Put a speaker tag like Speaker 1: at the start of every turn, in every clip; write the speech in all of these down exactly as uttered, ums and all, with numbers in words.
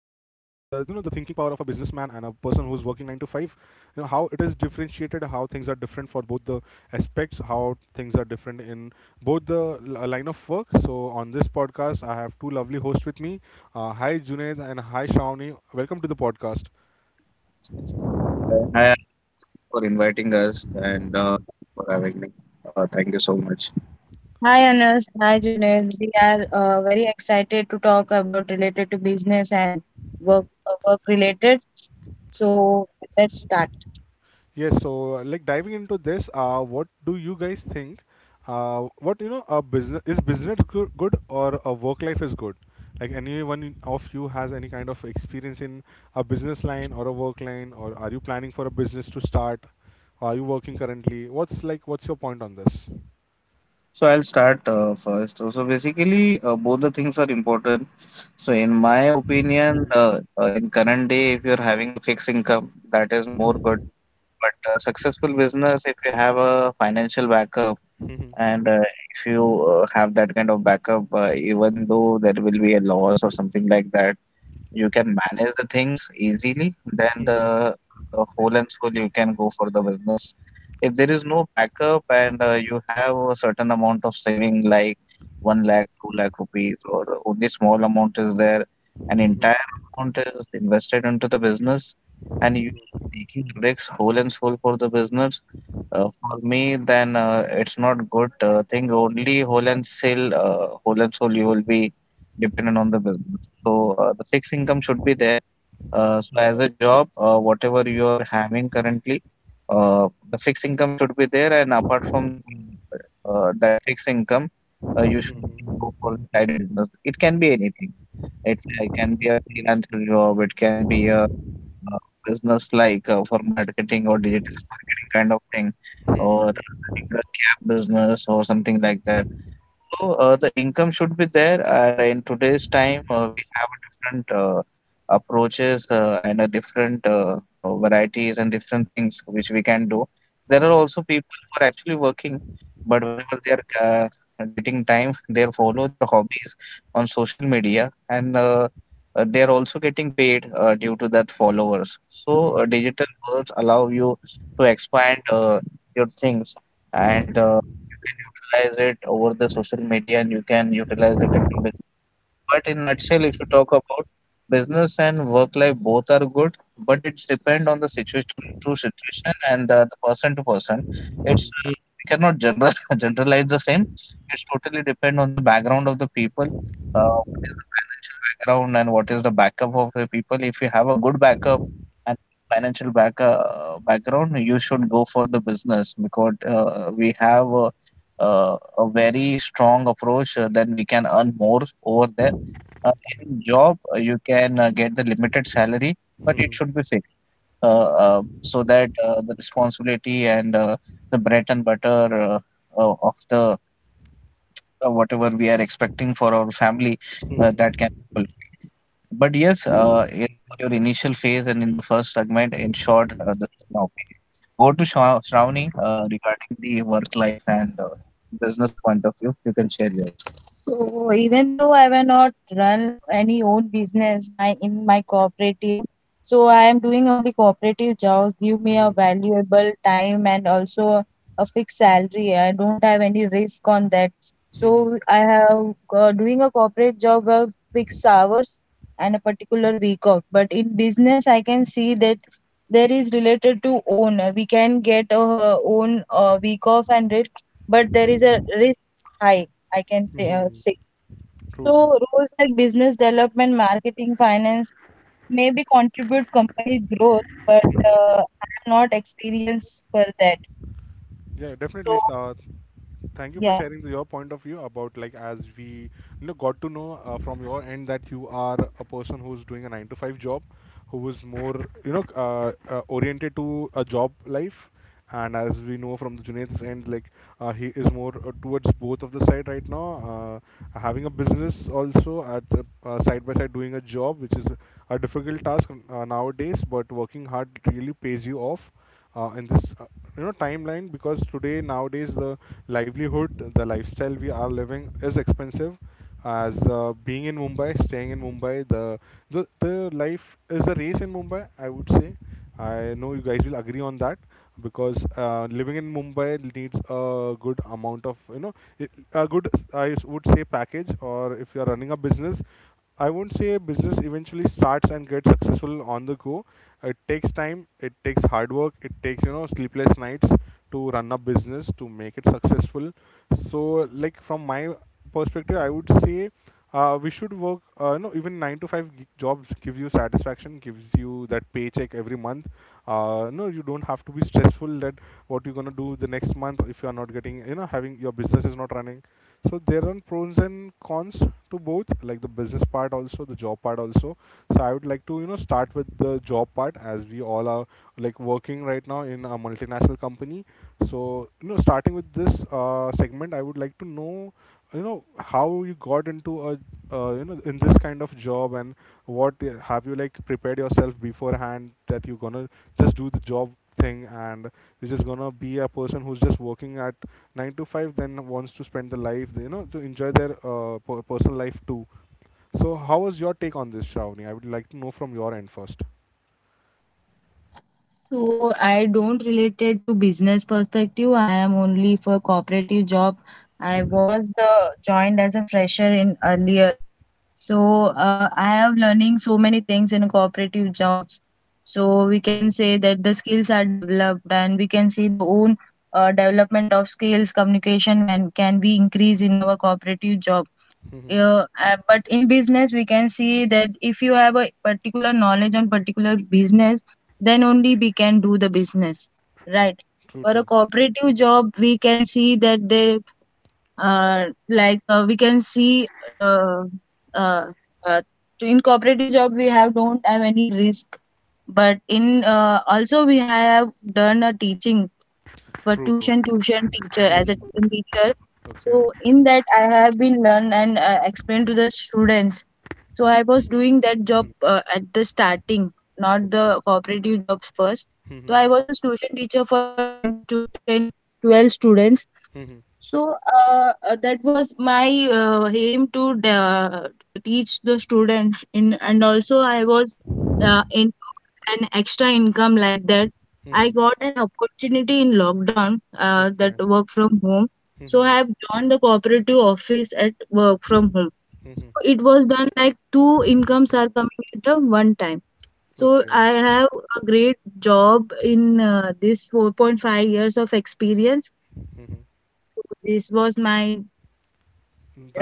Speaker 1: businessman and a person who's working nine to five, you know, how it is differentiated, how things are different for both the aspects, how things are different in both the l- uh, line of work. So on this podcast I have two lovely hosts with me. Uh, hi Junaid and hi Shravani, welcome to the podcast.
Speaker 2: Uh, Hi, Anas. Thanks for inviting us and uh, thanks for having me. Uh, thank you so much. Hi Anas, hi Junaid. We are uh, very excited to talk about related to business and work uh, work related. So w- let's start.
Speaker 1: Yes, so uh, like diving into this, uh, what do you guys think? Uh, what, you know, a business is business go- good or a work life is good? Like anyone of you has any kind of experience in a business line or a work line, or are you planning for a business to start? Are you working currently? What's like? What's your point on this?
Speaker 2: So I'll start uh, first. So, so basically, uh, both the things are important. So in my opinion, uh, uh, in current day, if you're having a fixed income, that is more good. But uh, successful business, if you have a financial backup, and uh, if you uh, have that kind of backup, uh, even though there will be a loss or something like that, you can manage the things easily, then the uh, whole and soul you can go for the business. If there is no backup and uh, you have a certain amount of saving, like 1 lakh, 2 lakh rupees, or only small amount is there, an entire amount is invested into the business, and you are taking a risk whole and soul for the business. Uh, for me, then uh, it's not good uh, thing. Only whole and soul, uh, whole and soul, you will be dependent on the business. So uh, the fixed income should be there. Uh, so as a job, uh, whatever you are having currently, uh, the fixed income should be there. And apart from the uh, uh, that fixed income, uh, you should can go for the side business. It can be anything. It, fa- it can be a freelancer job. It can be a uh, business like uh, for marketing or digital marketing kind of thing, or uh, running a cab business or something like that. So uh, the income should be there, and in today's time, uh, we have a different uh, approaches uh, and a different uh, uh, varieties and different things which we can do. There are also people who are actually working, but whenever they are ca getting time, they follow their hobbies on social media, and uh, uh, they are also getting paid uh, due to that followers. So uh, digital worlds allow you to expand uh, your things and uh, you can utilize it over the social media and you can utilize the technology. But in nutshell, if you talk about business and work life, both are good, but it's depend on the situation to situation and uh, the person to person. It's uh, we cannot general generalize the same. It's totally depend on the background of the people. Uh, what is the financial background and what is the backup of the people? If you have a good backup and good financial back uh, background, you should go for the business because uh, we have a, uh, a very strong approach. Uh, then we can earn more over there. Uh, in job, uh, you can uh, get the limited salary, but it should be fixed uh, uh, so that uh, the responsibility and uh, the bread and butter uh, uh, of the uh, whatever we are expecting for our family uh, that can be fulfilled. But yes, uh, in- for your initial phase and in the first segment, in short, uh, this is my opinion. Over to Shra- Shravani uh, regarding the work life and uh, business point of view. You can share yours. So even though I will not run any own business my in my cooperative, so I am doing only cooperative jobs, give me a valuable time and also a fixed salary. I don't have any risk on that. So I have uh, doing a corporate job of fixed hours and a particular week off. But in business, I can see that there is related to own. We can get a uh, own uh, week off and it, but there is a risk high, I can th- uh, say.
Speaker 1: True.
Speaker 2: So roles like business development, marketing, finance maybe contribute company growth, but
Speaker 1: True.
Speaker 2: uh, I am not experienced for that.
Speaker 1: Yeah, definitely. Uh,
Speaker 2: So
Speaker 1: thank you for
Speaker 2: yeah.
Speaker 1: sharing your point of view about, like, as we, you know, got to know uh, from your end that you are a person who's doing a nine to five job, who is more, you know, uh, uh, oriented to a job life. And as we know from the Junaid's end, like, uh, he is more uh, towards both of the side right now, uh, having a business also at uh, uh, side by side doing a job, which is a difficult task uh, nowadays, but working hard really pays you off uh, in this uh, you know, timeline, because today nowadays the livelihood, the lifestyle we are living is expensive. As uh, being in Mumbai, staying in Mumbai, the, the the life is a race in Mumbai, I would say. I know you guys will agree on that, because uh, living in Mumbai needs a good amount of, you know, i- a good, I s- would say, package. Or if you are running a business, I won't say business eventually starts and gets successful on the go. It takes time, it takes hard work, it takes, you know, sleepless nights to run a business, to make it successful. So, like, from my perspective, I would say, uh, we should work. Uh, no, even nine to five gi- jobs give you satisfaction, gives you that paycheck every month. Uh, no, you don't have to be stressful that what you're gonna do the next month if you are not getting, you know, having your business is not running. So there are pros and cons to both, like the business part also, the job part also. So I would like to, you know, start with the job part, as we all are, like, working right now in a multinational company. So, you know, starting with this uh, segment, I would like to know, you know, how you got into a, uh, you know, in this kind of job, and what uh, have you, like, prepared yourself beforehand, that you're gonna just do the job thing and you're just gonna be a person who's just working at nine to five, then wants to spend the life, you know, to enjoy their uh, per- personal life too. So, how was your take on this, Shravani? I would like to know from your end first.
Speaker 2: So I don't related to business perspective. I am only for cooperative job. I
Speaker 1: Mhm.
Speaker 2: was uh, joined as a fresher in earlier. So uh, I have learning so many things in cooperative jobs. So we can say that the skills are developed and we can see the own uh, development of skills communication when can be increased in our cooperative job, uh, uh, but in business we can see that if you have a particular knowledge on particular business, then only we can do the business, right? For a cooperative job we can see that they, uh, like uh, we can see uh, uh, uh, to- in cooperative job we have don't have any risk, but in uh, also we have done a teaching for
Speaker 1: True, true.
Speaker 2: tuition tuition teacher
Speaker 1: Mhm. True, true.
Speaker 2: as a
Speaker 1: Mhm.
Speaker 2: tuition teacher.
Speaker 1: Okay.
Speaker 2: So in that I have been learn and uh, explain to the students. So I was doing that job uh, at the starting, not
Speaker 1: Okay.
Speaker 2: the cooperative jobs first. So
Speaker 1: Mhm.
Speaker 2: I was a tuition teacher for ten to ten to twelve students.
Speaker 1: Mhm.
Speaker 2: So uh, uh, that was my uh, aim to uh, teach the students in, and also I was uh, in was an extra income like that. I got an opportunity in lockdown uh, that
Speaker 1: Okay.
Speaker 2: work from home. So I have joined the cooperative office at work from home.
Speaker 1: Mhm.
Speaker 2: So it was done like two incomes are coming at a one time. So
Speaker 1: Okay.
Speaker 2: I have a great job in uh, this four point five years of experience.
Speaker 1: Hmm.
Speaker 2: So this was my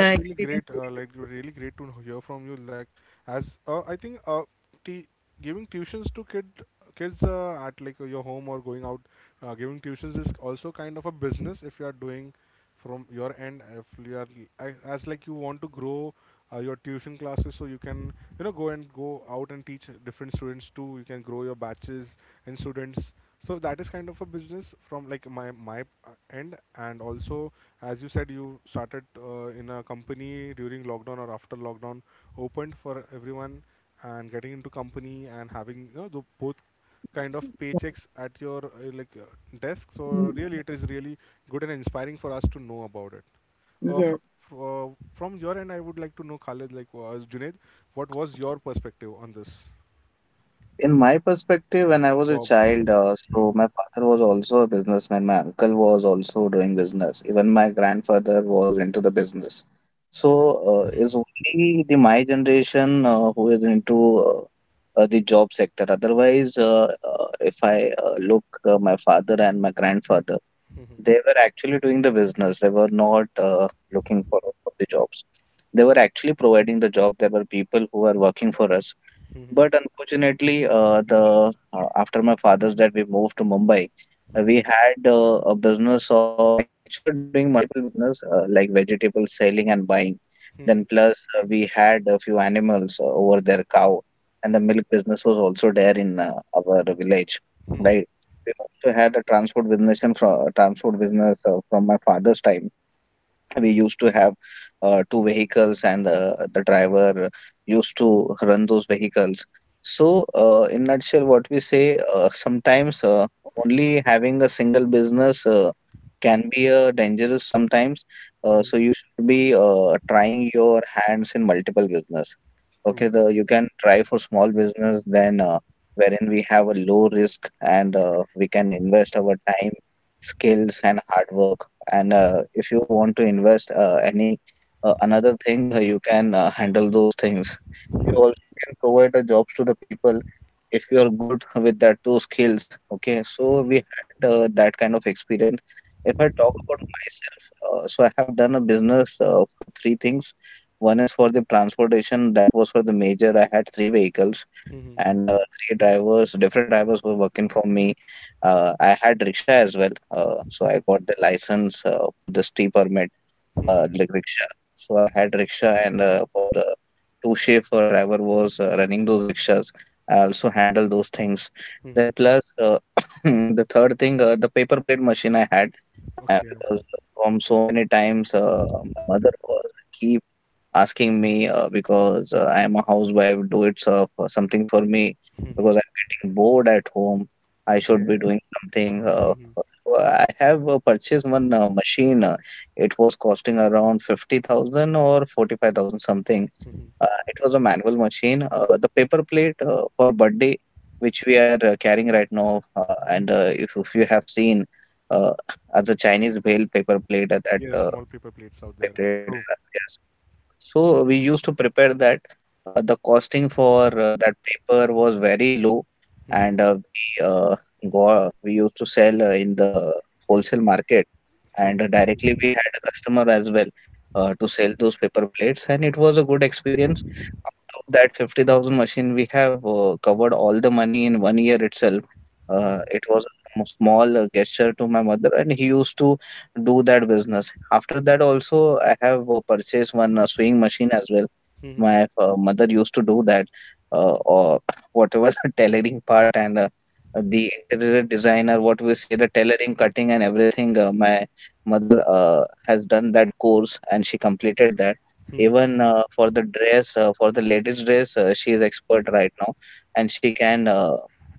Speaker 2: uh,
Speaker 1: really great.
Speaker 2: experience
Speaker 1: Uh, like,
Speaker 2: related to
Speaker 1: really great to hear from you. Like, as uh, I think, uh, t- giving tuitions to kid kids uh, at, like, your home or going out, uh, giving tuitions is also kind of a business if you are doing from your end. If you are a- as, like, you want to grow uh, your tuition classes, so you can, you know, go and go out and teach different students too. You can grow your batches and students. So that is kind of a business from, like, my my uh, end. And also, as you said, you started uh, in a company during lockdown or after lockdown opened for everyone, and getting into company and having, you know, the both kind of
Speaker 2: yeah.
Speaker 1: paychecks at your uh, like uh, desk. So
Speaker 2: Mm,
Speaker 1: really,
Speaker 2: mm,
Speaker 1: it is really good and inspiring for us to know about it. uh, fr-
Speaker 2: yes.
Speaker 1: fr- uh, from your end, I would like to know khalid, like, was Junaid, what was your perspective on this
Speaker 2: In my perspective, when I was a
Speaker 1: job?
Speaker 2: child, uh, so my father was also a businessman. My uncle was also doing business. Even my grandfather was into the business. So uh, it's
Speaker 1: Mhm,
Speaker 2: only the my generation uh, who is into uh, uh, the job sector. Otherwise, uh, uh, if I uh, look uh, my father and my grandfather, they were actually doing the business. They were not uh, looking forward for the jobs. They were actually providing the job. There were people who were working for us,
Speaker 1: mhm,
Speaker 2: but unfortunately, uh, the uh, after my father's death, we moved to Mumbai. Uh,
Speaker 1: mhm.
Speaker 2: we had uh, a business of actually we were doing multiple business uh, like vegetable selling and buying. Then
Speaker 1: Mhm,
Speaker 2: plus uh, we had a few animals uh, over there, cow, and the milk business was also there in uh, our village,
Speaker 1: mhm,
Speaker 2: right? We also had a transport business and fro transport business uh, from my father's time. We used to have uh, two vehicles and the, the driver used to run those vehicles. So uh, in nutshell, what we say, uh, sometimes uh, only having a single business uh, can be uh, dangerous sometimes. Uh,
Speaker 1: mhm,
Speaker 2: so you should be uh, trying your hands in multiple business. Okay, the you can try for small business, then uh, wherein we have a low risk and uh, we can invest our time, skills and hard work. And uh, if you want to invest uh, any uh, another thing, uh, you can uh, handle those things. You also can provide a jobs to the people if you are good with that those skills. Okay, so
Speaker 1: mhm,
Speaker 2: we had uh, that kind of experience. If I talk about myself, uh, so I have done a business uh, for three things. One is for the transportation, that was for the major. I had three vehicles
Speaker 1: mhm,
Speaker 2: and uh, three drivers, different drivers were working for me. Uh, I had rickshaw as well, uh, so I got the license uh, for the T permit,
Speaker 1: mhm,
Speaker 2: uh,
Speaker 1: mhm,
Speaker 2: like rickshaw. So I had rickshaw, and uh, for the two chauffeur driver was uh, running those rickshaws. I also handle those things.
Speaker 1: mhm.
Speaker 2: Then plus uh, the third thing, uh, the paper plate machine I had. Uh,
Speaker 1: Okay.
Speaker 2: because uh, from so many times uh, my mother was keep asking me uh, because uh, I am a housewife, do it's uh, for something for me because
Speaker 1: Mhm,
Speaker 2: I'm getting bored at home. I should
Speaker 1: okay.
Speaker 2: be doing something. Uh,
Speaker 1: Mhm,
Speaker 2: so I have uh, purchased one uh, machine. Uh, it was costing around fifty thousand or forty-five thousand something.
Speaker 1: mhm.
Speaker 2: Uh, it was a manual machine. Uh, the paper plate uh, for birthday, which we are uh, carrying right now, uh, and uh, if, if you have seen, uh, as a Chinese bale paper plate, uh, that
Speaker 1: Yes,
Speaker 2: uh,
Speaker 1: small paper
Speaker 2: small
Speaker 1: plates out
Speaker 2: paper
Speaker 1: there.
Speaker 2: plate, and
Speaker 1: True.
Speaker 2: uh, yeah, so we used to prepare that. Uh, the costing for uh, that paper was very low,
Speaker 1: Mhm,
Speaker 2: and uh, we uh, go we used to sell uh, in the wholesale market, and
Speaker 1: true.
Speaker 2: uh, directly we had a customer as well uh, to sell those paper plates, and it was a good experience. Out of that fifty thousand machine, we have uh, covered all the money in one year itself. Uh,
Speaker 1: Mhm,
Speaker 2: it was a sm small uh, gesture to my mother, and he used to do that business. After that, also, I have uh, purchased one uh, sewing machine as well.
Speaker 1: mhm,
Speaker 2: My uh, mother used to do that, uh, or whatever the tailoring part and uh, the interior designer, what we say, the tailoring, cutting, and everything. Uh, my mother uh, has done that course and she completed that.
Speaker 1: mhm,
Speaker 2: Even uh, for the dress, uh, for the ladies' dress, uh, she is expert right now, and she can uh,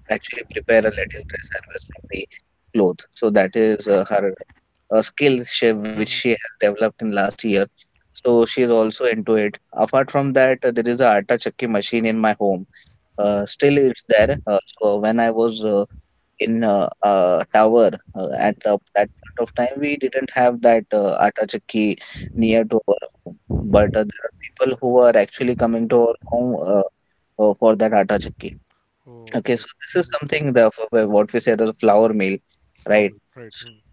Speaker 2: actually prepare a ladies' dress as well from the cloth. So that is uh, her a skill she,
Speaker 1: mhm,
Speaker 2: which
Speaker 1: mhm,
Speaker 2: she has developed in last year. So she is also into it. Apart from that, uh, there is a atta chakki machine in my home. Uh, still, it's there. Uh, so when I was uh, in uh, uh, tower uh,
Speaker 1: mhm.
Speaker 2: at the that point of time, we didn't have that uh, atta chakki near to our home. But uh, there are people who are actually coming to our home uh, uh, for that atta chakki. Okay,
Speaker 1: Okay.
Speaker 2: so this is something the for wh- what we said as a flour mill, right?
Speaker 1: Slowly. Right. Mhm,
Speaker 2: So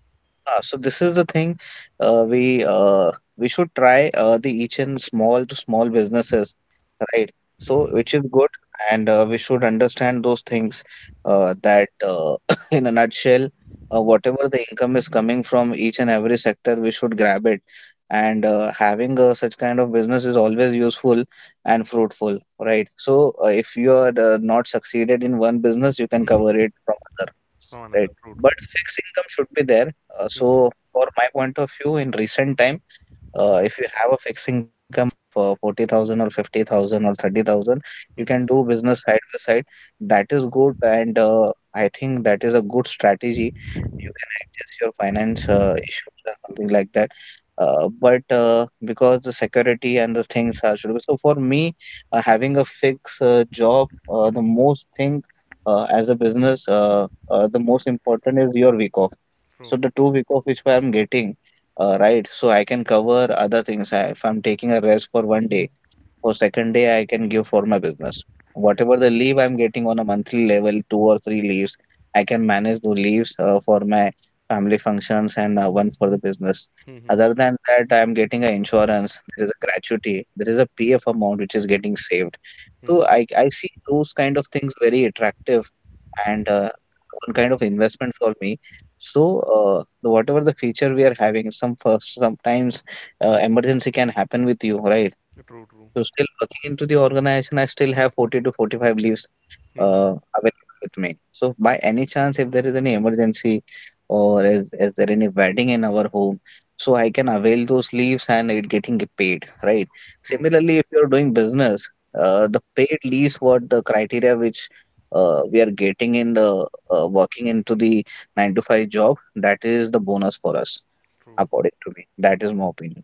Speaker 2: uh, so this is the thing uh, we uh, we should try uh, the each and small to small businesses, right? So which
Speaker 1: mhm.
Speaker 2: is good, and uh, we should understand those things uh, that uh, in a nutshell, uh, whatever the income is coming from each and every sector, we should grab it. And uh, having uh, such kind of business is always useful and fruitful, right? So uh, if you are uh, not succeeded in one business, you can cover it from other,
Speaker 1: From
Speaker 2: right?
Speaker 1: another. True, true.
Speaker 2: But fixed income should be there, uh,
Speaker 1: Mhm,
Speaker 2: so for my point of view in recent time, uh, if you have a fixed income of uh, forty thousand or fifty thousand or thirty thousand, you can
Speaker 1: mhm,
Speaker 2: do business side by side. That is good, and uh, I think that is a good strategy. You can adjust your finance uh, issues and something like that. Uh, but uh, because the security and the things are should be so for me, uh, having a fixed uh, job, uh, the most thing uh, as a business, uh, uh, the most important is your week off. So
Speaker 1: true.
Speaker 2: the two week off which I am getting, uh, right? So I can cover other things. I, if I'm taking a rest for one
Speaker 1: Mhm,
Speaker 2: day, for second day I can give for my business.
Speaker 1: right.
Speaker 2: Whatever the leave I'm getting on a monthly level, two or three leaves, I can manage the leaves uh, for my family functions and uh, one for the business.
Speaker 1: Mhm,
Speaker 2: Other than that, I'm getting an insurance. There is a gratuity. There is a P F amount which is getting saved. So
Speaker 1: mhm.
Speaker 2: I I see those kind of things very attractive and uh, one kind of investment for me. So uh, the whatever the feature we are having, some for- sometimes uh, emergency can happen with you, right?
Speaker 1: True, true.
Speaker 2: So still working into the organization, I still have forty to forty-five leaves
Speaker 1: Mhm,
Speaker 2: uh, available with me. So by any chance, if there is any emergency or is, is there any wedding in our home, so I can avail those leaves and it getting paid, right?
Speaker 1: true, true.
Speaker 2: Similarly, if you're doing business, uh, the paid leaves what the criteria which uh, we are getting in the uh, working into the nine to five job, that is the bonus for us,
Speaker 1: True.
Speaker 2: according to me. That is my opinion.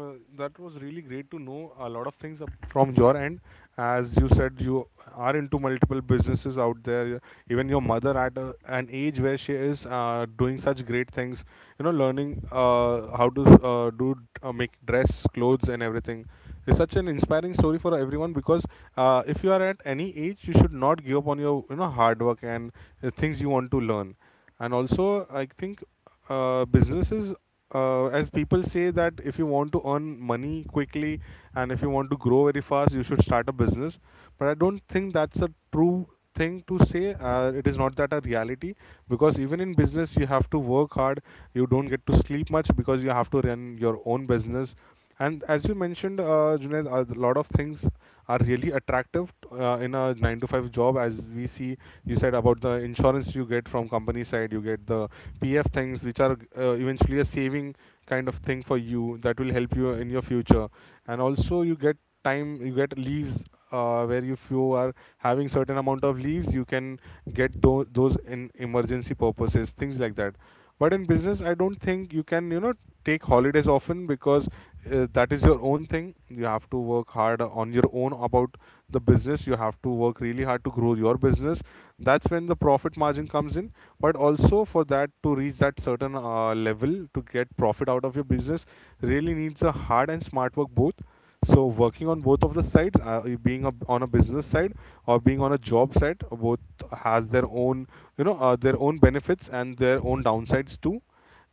Speaker 1: Uh, that was really great to know a lot of things up from your end. As you said, you are into multiple businesses out there. Even your mother, at a, an age where she is uh, doing such great things, you know, learning uh, how to uh, do uh, make dress, clothes, and everything, is such an inspiring story for everyone. Because uh, if you are at any age, you should not give up on your, you know, hard work and uh, things you want to learn. And also, I think uh, businesses, uh, as people say, that if you want to earn money quickly and if you want to grow very fast, you should start a business. But I don't think that's a true thing to say. Uh, it is not that a reality, because even in business you have to work hard, you don't get to sleep much because you have to run your own business. And as you mentioned, uh, Junaid, a lot of things are really attractive uh, in a nine to five job. As we see, you said about the insurance you get from company side, you get the P F things, which are uh, eventually a saving kind of thing for you that will help you in your future. And also you get time, you get leaves, uh, where if you are having certain amount of leaves, you can get tho- those in emergency purposes, things like that. But in business, I don't think you can, you know, take holidays often, because uh, that is your own thing, you have to work hard on your own about the business, you have to work really hard to grow your business. That's when the profit margin comes in. But also, for that, to reach that certain uh, level to get profit out of your business really needs a hard and smart work both. So working on both of the sides, uh, being a, on a business side or being on a job side, uh, both has their own, you know, uh, their own benefits and their own downsides too.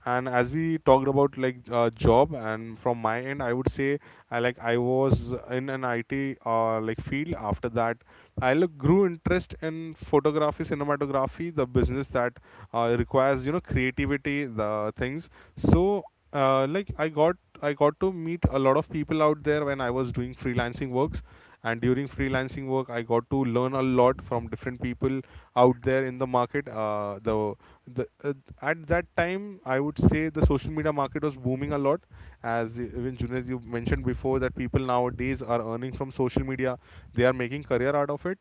Speaker 1: And as we talked about, like, uh, job, and from my end, I would say, i like I was in an IT uh, like field. After that, I look, grew interest in photography, cinematography, the business that uh, requires, you know, creativity, the things. So uh, like, i got I got to meet a lot of people out there when I was doing freelancing works. And during freelancing work, I got to learn a lot from different people out there in the market. Uh, the the uh, At that time, I would say the social media market was booming a lot. As even Junaid, you mentioned before, that people nowadays are earning from social media, they are making career out of it.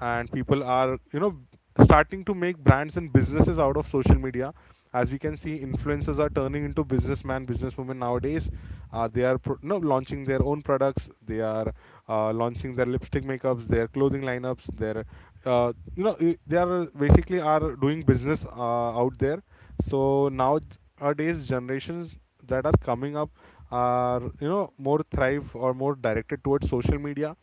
Speaker 1: And people are, you know, starting to make brands and businesses out of social media. As we can see, influencers are turning into businessman, businesswomen nowadays. Uh, they are pro- no, launching their own products. They are uh, launching their lipstick makeups, their clothing lineups, their, uh, you know i- they are basically are doing business uh, out there. So nowadays generations that are coming up are, you know, more thrive or more directed towards social media,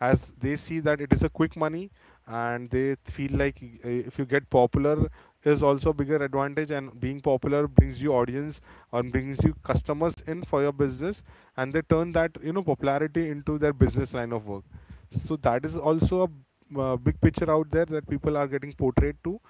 Speaker 1: as they see that it is a quick money. And they feel like, y- uh, if you get popular is also a bigger advantage, and being popular brings you audience or brings you customers in for your business. And they turn that, you know, popularity into their business line of work. So that is also a uh, big picture out there that people are getting portrayed to.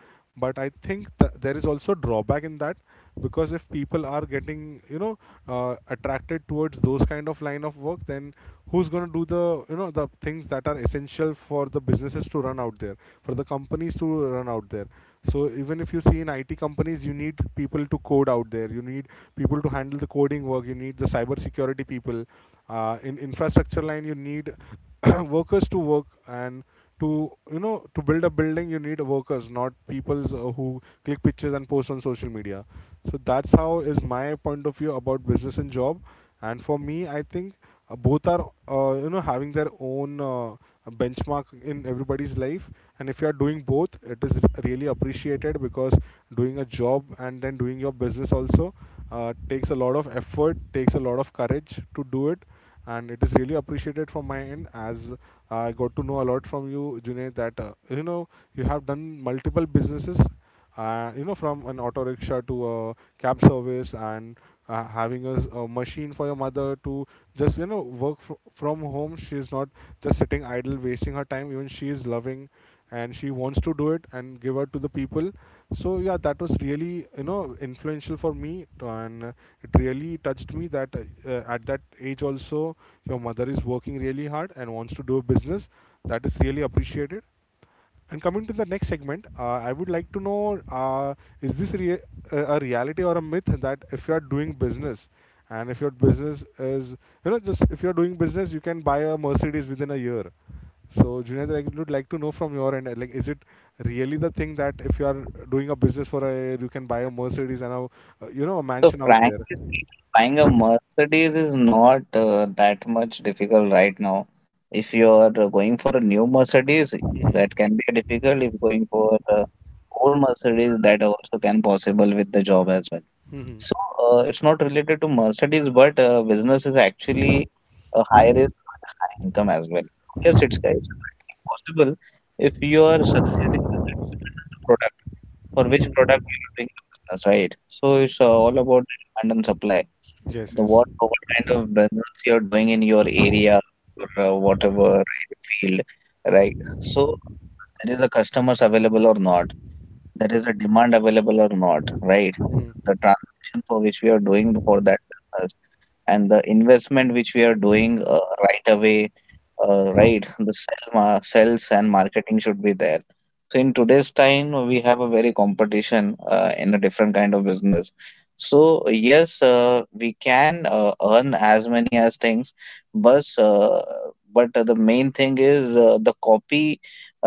Speaker 1: But I think th- there is also drawback in that, because if people are getting, you know, uh, attracted towards those kind of line of work, then who's going to do the, you know, the things that are essential for the businesses to run out there, for the companies to run out there? So even if you see in I T companies, you need people to code Out there, you need people to handle the coding work. You need the cyber security people, uh, in infrastructure line you need workers to work. And to you know to build a building you need workers, not peoples, uh, who click pictures and post on social media. So that's how is my point of view about business and job. And for me I think uh, both are, uh, you know having their own uh, a benchmark in everybody's life. And if you are doing both it is really appreciated, because doing a job and then doing your business also uh, takes a lot of effort, takes a lot of courage to do it. And it is really appreciated from my end. As I got to know a lot from you, Junaid, that uh, you know you have done multiple businesses, uh, you know from an auto rickshaw to a cab service, and uh, having a, s- a machine for your mother to just you know work fr- from home. She's not just sitting idle, wasting her time. Even she is loving and she wants to do it and give out to the people. So yeah, that was really you know influential for me, to- and uh, it really touched me that uh, uh, at that age also your mother is working really hard and wants to do a business. That is really appreciated. And coming to the next segment, uh, I would like to know: uh, Is this rea- a a reality or a myth that if you are doing business, and if your business is you know just if you're doing business you can buy a mercedes within a year. So, Junaid, I would like to know from your end, like, is it really the thing that if you are doing a business for a, you can buy a Mercedes and a, uh, you know, a
Speaker 2: So,
Speaker 1: mansion out there?
Speaker 2: frankly speaking, buying a Mercedes is not uh, that much difficult right now. If you are uh, going for a new Mercedes, that
Speaker 1: Mhm.
Speaker 2: can be a difficult. If going for uh, old Mercedes, that also can possible with the job as well.
Speaker 1: Mhm.
Speaker 2: So, uh, it's not related to Mercedes, but uh, business is actually a high risk but high income as well. So, yes, it's
Speaker 1: Mhm.
Speaker 2: it's uh, practically possible if you are succeeding. It depend on the product for which product
Speaker 1: Mhm.
Speaker 2: you are doing the business, right? So it's uh, all about the demand and supply.
Speaker 1: Yes,
Speaker 2: The
Speaker 1: yes.
Speaker 2: what what kind of business you are doing in your area or uh, whatever in field, right? So uh, there is a customers available or not, there is a demand available or not, right?
Speaker 1: Mhm.
Speaker 2: The transaction for which we are doing for that business and the investment which we are doing uh, right away, uh, right? The sell, ma- sales and marketing should be there. So in today's time, we have a very competition uh, in a different kind of business. So yes, uh, we can uh, earn as many as things, but uh, but uh, the main thing is uh, the copy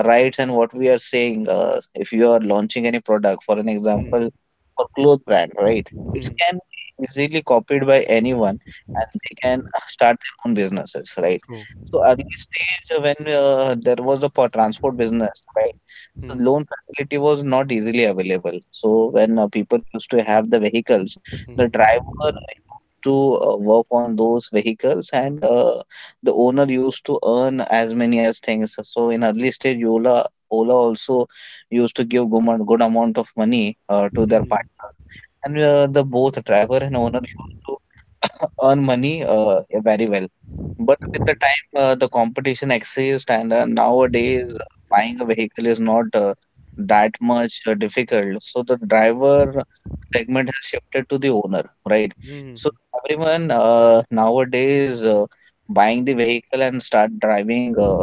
Speaker 2: rights and what we are saying, uh, if you are launching any product, for an
Speaker 1: Mhm.
Speaker 2: example for clothes brand, right? It
Speaker 1: Mhm.
Speaker 2: can be easily copied by anyone and they can uh, start their own businesses, right?
Speaker 1: True.
Speaker 2: So early stage, uh, when uh, there was a po- transport business, right? So
Speaker 1: Mhm.
Speaker 2: loan facility was not easily available, so when uh, people used to have the vehicles, the
Speaker 1: Mhm.
Speaker 2: driver uh, used to uh, work on those vehicles and uh, the owner used to earn as many as things. So in early stage, Ola Ola also used to give good, amount- good amount of money uh, to their
Speaker 1: Mhm.
Speaker 2: partners, and uh, the both driver and owner used to earn money, uh, yeah, very well. But with the time, uh, the competition exists, and uh, nowadays uh, buying a vehicle is not uh, that much uh, difficult. So the driver segment has shifted to the owner, right? So the everyone uh, nowadays. Uh, buying the vehicle and start driving uh,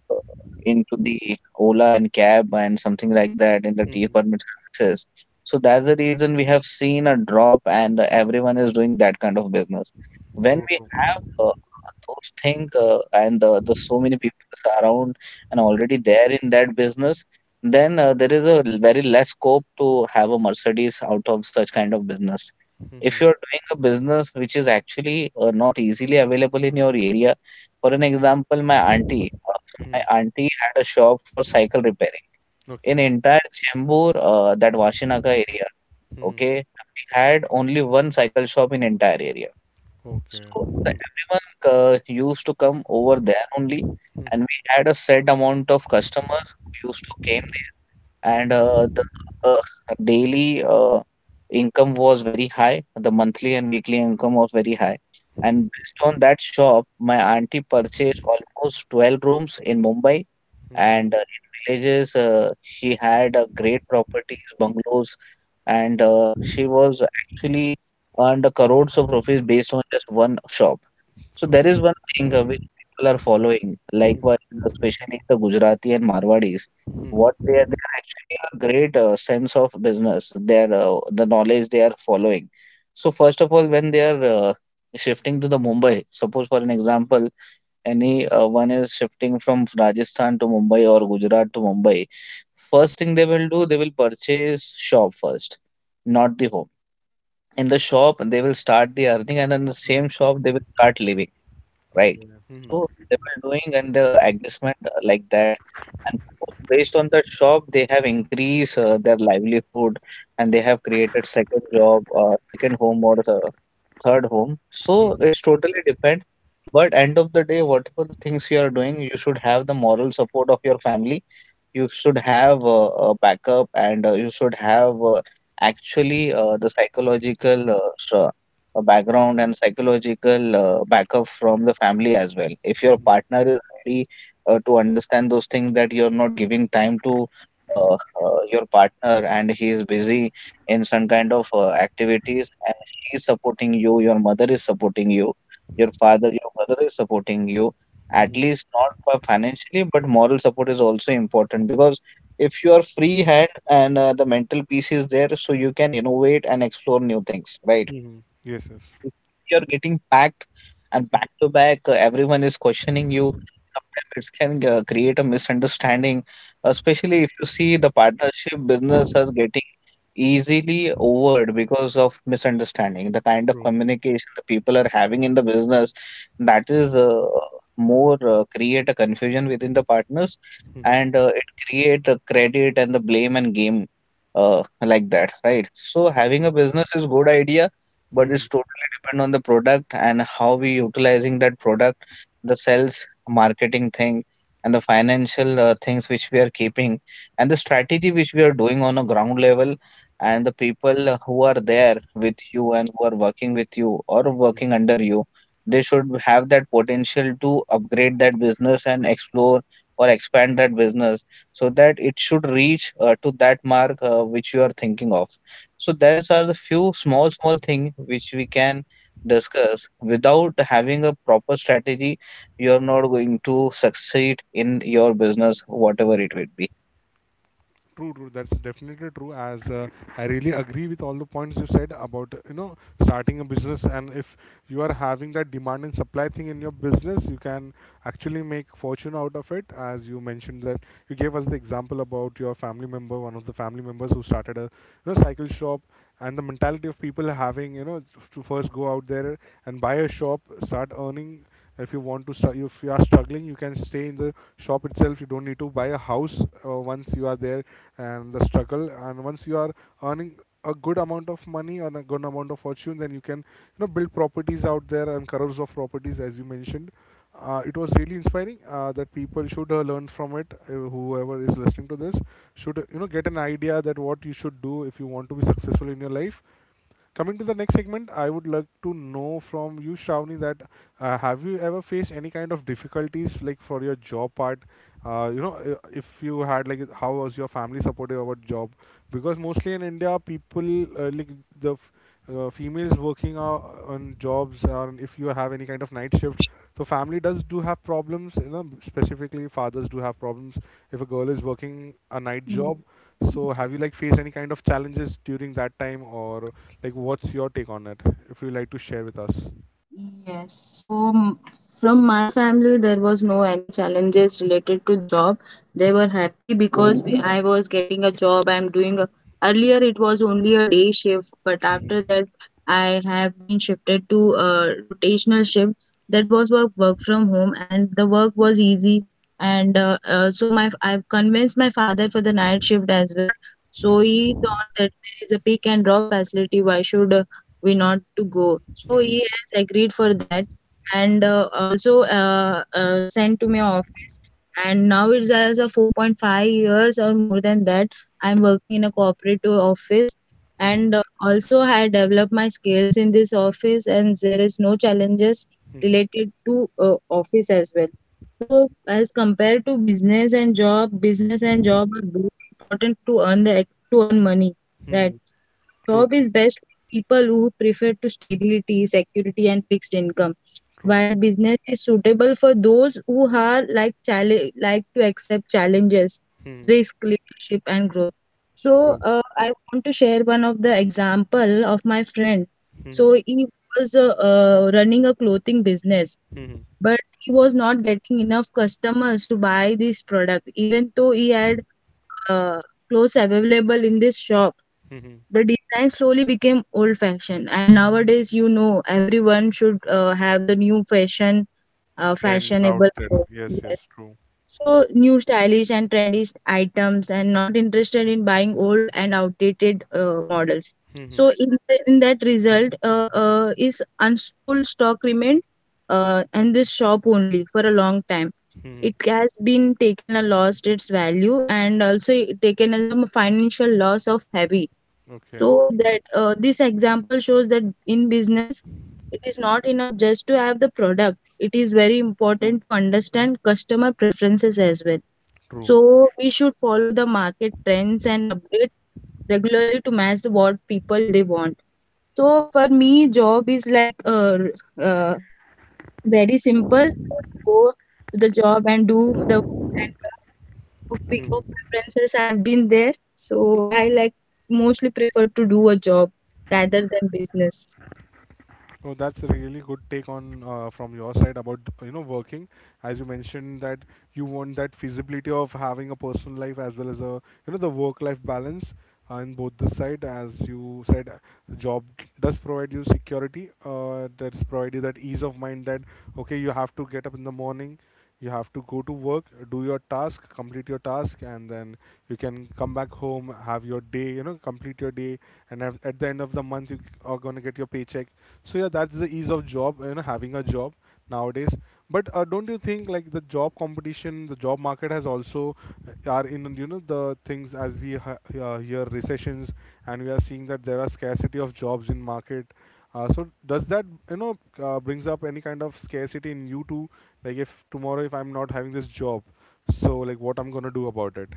Speaker 2: uh, into the Ola and cab and something like that in the T
Speaker 1: Mhm.
Speaker 2: permit services. So that's the reason we have seen a drop, and uh, everyone is doing that kind of business. When
Speaker 1: True,
Speaker 2: we
Speaker 1: true.
Speaker 2: have uh, uh, those things uh, and uh, the so many people around and already there in that business, then uh, there is a l- very less scope to have a Mercedes out of such kind of business if
Speaker 1: Mhm.
Speaker 2: you're doing a business which is actually uh, not easily available in your area, for an example, my auntie, uh, so my
Speaker 1: Mhm.
Speaker 2: auntie had a shop for cycle repairing in
Speaker 1: Okay.
Speaker 2: entire Chembur, uh, that Vashinaka area.
Speaker 1: Mhm.
Speaker 2: Okay, we had only one cycle shop in entire area,
Speaker 1: Okay.
Speaker 2: so the everyone uh, used to come over there only, and
Speaker 1: Mhm.
Speaker 2: we had a set amount of customers who used to came there, and uh, the uh, daily uh, income was very high. The monthly and weekly income was very high,
Speaker 1: Mhm.
Speaker 2: and based on that shop, my auntie purchased almost twelve rooms in Mumbai, and
Speaker 1: Mhm.
Speaker 2: uh, in villages uh, she had uh, great properties, bungalows, and uh, she was actually earned crores of rupees based on just one shop. So
Speaker 1: So,
Speaker 2: there is one thing uh, which people are following. Likewise, uh, especially the Gujarati and Marwadis, what they are they are actually a great uh, sense of business. Their uh, the knowledge they are following. So first of all, when they are uh, shifting to the Mumbai, suppose for an example, any uh, one is shifting from Rajasthan to Mumbai or Gujarat to Mumbai, first thing they will do, they will purchase shop first, not the home. In the shop they will start the earning, and then the same
Speaker 1: Mhm.
Speaker 2: shop they will start leaving, right?
Speaker 1: Mhm.
Speaker 2: So they were doing and the adjustment uh, like that, and post based on that shop they have increased uh, their livelihood and they have created second job, uh, second home or uh, third home. So
Speaker 1: Mhm.
Speaker 2: it's totally depends. But end of the day, whatever the things you are doing, you should have the moral support of your family. You should have uh, a backup, and uh, you should have uh, actually uh, the psychological uh, s- uh, background and psychological uh, backup from the family as well. If your
Speaker 1: Mhm.
Speaker 2: partner is ready uh, to understand those things that you're not giving time to uh, uh, your partner and he is busy in some kind of uh, activities, and she is supporting you, your mother is supporting you, your father, your brother is supporting you, at
Speaker 1: Mhm.
Speaker 2: least not fi- financially, but moral support is also important because if you are free hand and uh, the mental peace is there, so you can innovate and explore new things, right?
Speaker 1: Mhm. yes, yes.
Speaker 2: If, if you're getting packed and back to back, uh, everyone is questioning you. Sometimes it can uh, create a misunderstanding, especially if you see the partnership business are getting easily overed because of misunderstanding. The kind of
Speaker 1: True.
Speaker 2: communication the people are having in the business, that is uh, more uh, create a confusion within the partners,
Speaker 1: Mhm.
Speaker 2: and uh, it create a credit and the blame and game uh, like that, right? So having a
Speaker 1: True.
Speaker 2: business is good idea, but
Speaker 1: Mhm.
Speaker 2: it's totally depend on the product and how we utilizing that product, the sales marketing thing and the financial uh, things which we are keeping, and the strategy which we are doing on a ground level, and the people who are there with you and who are working with you or working under you, they should have that potential to upgrade that business and explore or expand that business, so that it should reach uh, to that mark uh, which you are thinking of. So those are the few small small things which we can discuss. Without having a proper strategy, you're not going to succeed in your business, whatever it would be.
Speaker 1: True, true. That's definitely true. As uh, I really agree with all the points you said about you know starting a business, and if you are having that demand and supply thing in your business, you can actually make fortune out of it. As you mentioned that you gave us the example about your family member, one of the family members who started a you know cycle shop, and the mentality of people having you know to first go out there and buy a shop, start earning. If you want to start, if you are struggling, you can stay in the shop itself. You don't need to buy a house uh, once you are there and the struggle, and once you are earning a good amount of money and a good amount of fortune, then you can you know build properties out there, and crores of properties as you mentioned. Uh, it was really inspiring, uh, that people should uh, learn from it. Uh, whoever is listening to this should, uh, you know get an idea that what you should do if you want to be successful in your life. Coming to the next segment, I would like to know from you, Shravani, that uh, have you ever faced any kind of difficulties, like for your job part? Uh, you know, i- if you had, like, how was your family supportive about job? Because mostly in India, people, uh, like the f- uh, females working uh, on jobs, or if you have any kind of night shifts, so family does do have problems. You know, specifically fathers do have problems if a girl is working a night
Speaker 2: Mm.
Speaker 1: job. So have you like faced any kind of challenges during that time, or? Like, what's your take on it? If you like to share with us.
Speaker 2: Yes, so m- from my family there was no any challenges related to job. They were happy because we, I was getting a job. I'm doing a, earlier it was only a day shift, but after
Speaker 1: Mhm.
Speaker 2: that I have been shifted to a rotational shift. That was work work from home, and the work was easy. And uh, uh, so my I've convinced my father for the night shift as well. So he
Speaker 1: Mhm.
Speaker 2: thought that there is a pick and drop facility. Why should we not to go. So
Speaker 1: Mhm.
Speaker 2: he has agreed for that, and uh, also uh, uh, sent to my office. And now it's as a four point five years or more than that. I'm working in a cooperative office,
Speaker 1: Mhm.
Speaker 2: and uh, also I developed my skills in this office, and there is no challenges
Speaker 1: Mhm.
Speaker 2: related to uh, office as well. So as compared to business and job, business and job are both important to earn the to earn money, right?
Speaker 1: Mhm.
Speaker 2: A
Speaker 1: True,
Speaker 2: job
Speaker 1: true,
Speaker 2: is best for people who prefer to stability, security, and fixed income,
Speaker 1: true,
Speaker 2: while business is suitable for those who are like challenge, like to accept challenges,
Speaker 1: Mhm.
Speaker 2: risk, leadership, and growth. So
Speaker 1: true.
Speaker 2: uh, I want to share one of the example of my friend. So
Speaker 1: Mhm.
Speaker 2: he was uh, uh, running a clothing business,
Speaker 1: Mhm.
Speaker 2: but he was not getting enough customers to buy this product, even though he had uh, clothes available in this shop.
Speaker 1: Mhm.
Speaker 2: The design slowly became old fashioned, and nowadays you know everyone should uh, have the new fashion uh,
Speaker 1: Friends out
Speaker 2: fashionable
Speaker 1: there.
Speaker 2: clothes,
Speaker 1: Yes, yes,
Speaker 2: yes.
Speaker 1: true.
Speaker 2: So new stylish and trendy items and not interested in buying old and outdated uh, models.
Speaker 1: Mhm.
Speaker 2: So in, the, in that result uh, uh, is unsold stock remained uh, in this shop only for a long time. It
Speaker 1: Mhm.
Speaker 2: has been taken a lost its value, and also it taken as a financial loss of heavy.
Speaker 1: Okay,
Speaker 2: So that uh, this example shows that in business, it is not enough just to have the product. It is very important to understand customer preferences as well.
Speaker 1: true.
Speaker 2: So we should follow the market trends and update regularly to match what people they want. So for me, job is like uh, uh, very simple uh, to go to the job and do the work and come. Two week of references. I've been there, so I like mostly prefer to do a job rather than business.
Speaker 1: No, that's a really good take on, uh, from your side about you know working. As you mentioned that you want that feasibility of having a personal life as well as a you know the work life balance uh, in both the side. As you said, uh, the job does provide you security. Uh, that's provide you that ease of mind that okay, you have to get up in the morning. You have to go to work, do your task, complete your task, and then you can come back home, have your day, you know, complete your day, and at at the end of the month you c- are gonna get your paycheck. So yeah, that's the ease of job, you know having a job nowadays. But uh, don't you think like the job competition, the job market has also, uh, are in you know the things as we ha- uh, hear recessions, and we are seeing that there are scarcity of jobs in market. Uh, so does that you know uh, brings up any kind of scarcity in you too, like if tomorrow if I'm not having this job, so like what I'm gonna do about it?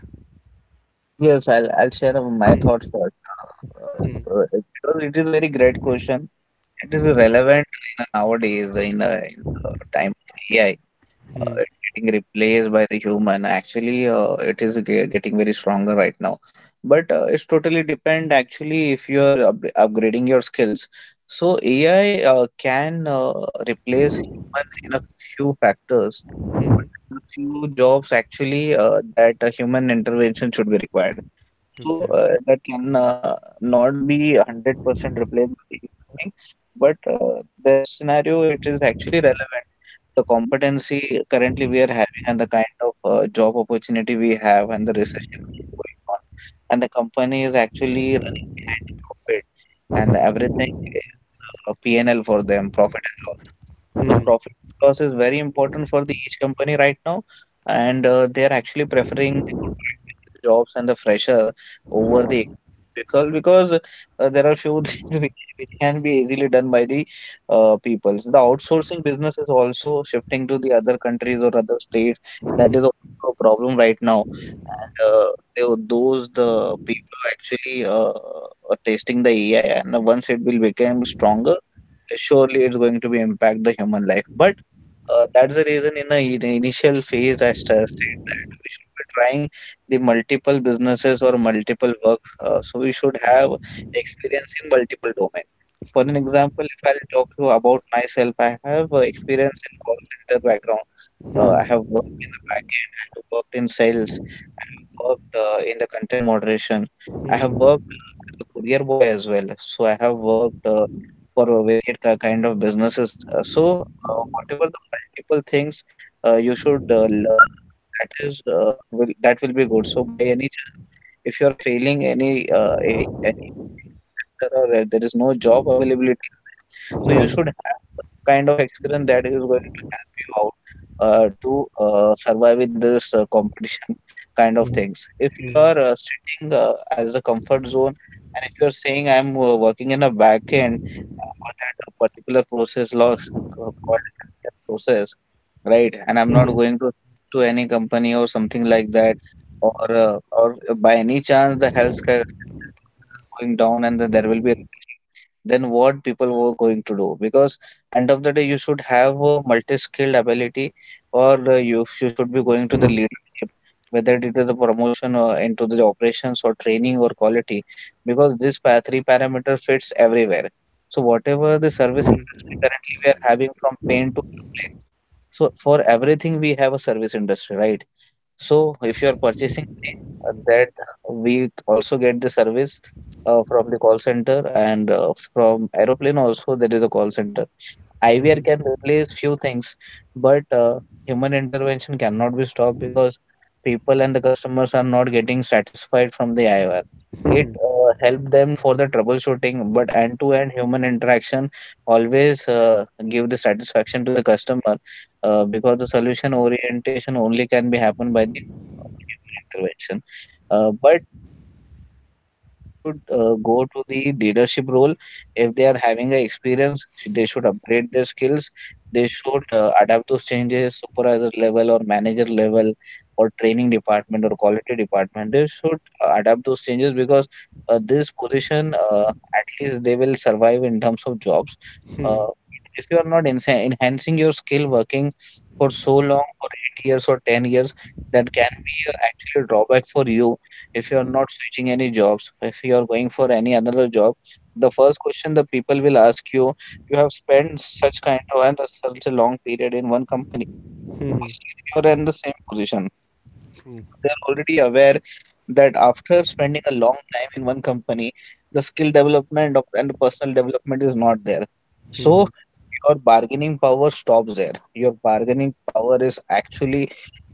Speaker 2: Yes, I'll I'll share uh, my thoughts first. Uh, uh, uh, it, it was it is very great question. It is relevant uh, in a nowadays uh, in the in the time of A I. Uh, it's getting replaced by the human, actually. Uh, it is ge- getting very stronger right now, but uh, it's totally depend actually if you are up- upgrading your skills. So AI uh, can uh, replace human in a few factors, but there are few jobs actually uh, that a human intervention should be required. So
Speaker 1: Okay.
Speaker 2: uh, that can uh, not be hundred percent replaced by the human being. But uh, there are scenario it is actually relevant. The competency currently we are having, and the kind of uh, job opportunity we have, and the recession which is going on, and the company is actually running behind the profit, and
Speaker 1: Mhm.
Speaker 2: everything is uh, P and L for them, profit and loss. So
Speaker 1: Mhm.
Speaker 2: profit and loss is very important for the each company right now, and uh, they are actually preferring the contract-based jobs and the fresher over the experienced people, because uh, there are few things which which can be easily done by the uh, peoples. The outsourcing business is also shifting to the other countries or other states.
Speaker 1: Mhm.
Speaker 2: That is also a problem right now. And uh, they, those the people who actually uh, are testing the A I, and once it will become stronger, uh, surely it's going to be impact the human life. But uh, that's the reason in the in- initial phase I st- said that we should be trying the multiple businesses or multiple work. Uh, so we should have experience in multiple domain. For
Speaker 1: True.
Speaker 2: an example, if I'll talk to about myself, I have uh, experience in call center background. Uh, I have
Speaker 1: Mhm.
Speaker 2: worked in the backend. I have worked in sales. I have worked uh, in the content moderation. I have
Speaker 1: Mhm.
Speaker 2: worked uh, as a courier boy as well. So I have worked uh, for a varied ki- kind of businesses. Uh, so uh, whatever the multiple things uh, you should uh, learn, uh, that is uh, will, that will be good. So by any chance, if you are failing any uh, any any of the one sector, or uh, there is no job availability is there, so you
Speaker 1: Mhm.
Speaker 2: should have one kind of experience that is going to help you out uh, to uh, survive in this uh, competition kind of
Speaker 1: Mhm.
Speaker 2: things. If you
Speaker 1: Mhm.
Speaker 2: are uh, sitting uh, as the comfort zone, and if you're saying I'm uh, working in a back end uh, for that uh, particular process lo- called a healthcare process, right? And I'm not
Speaker 1: Mhm.
Speaker 2: going to switch to any company or something like that, or uh, or by any chance the healthcare sector process is going down and then there will be a recession. Then what people were going to do? Because end of the day you should have a multi-skilled ability, or uh, you you should be going to the leadership, whether it is a promotion or into the operations or training or quality, because this pa- three parameter fits everywhere. So whatever the service industry currently we are having, from paint to aeroplane, so for everything we have a service industry, right? So
Speaker 1: Yes.
Speaker 2: if you are purchasing paint, uh, that we also get the service uh, from the call center, and uh, from aeroplane also there is a call center. I V R can replace few things, but uh, human intervention cannot be stopped, because people and the customers are not getting satisfied from the I V R. It uh, help them for the troubleshooting, but end-to-end human interaction always uh, give the satisfaction to the customer, uh, because the solution orientation only can be happened by the hu- uh, human intervention. Uh, but uh, for my thinking, people should uh, go to the leadership role. If they are having a experience, sh- they should upgrade their skills. They should uh, adapt those changes, supervisor level or manager level or training department or quality department. They should uh, adapt those changes, because uh, this position, uh, at least they will survive in terms of jobs. Uh, but if you are not ensa- enhancing your skill, working for so long for eight years or ten years, that can be uh, actually a drawback for you. If you are not switching any jobs, if you are going for any another job, the first question the people will ask you, you have spent such kind of and a- such a long period in one company,
Speaker 1: Mhm.
Speaker 2: but still you're in the same position.
Speaker 1: True.
Speaker 2: So they're already aware that after spending a long time in one company, the skill development of and personal development is not there. So
Speaker 1: Mhm.
Speaker 2: your bargaining power stops there. Your bargaining power is actually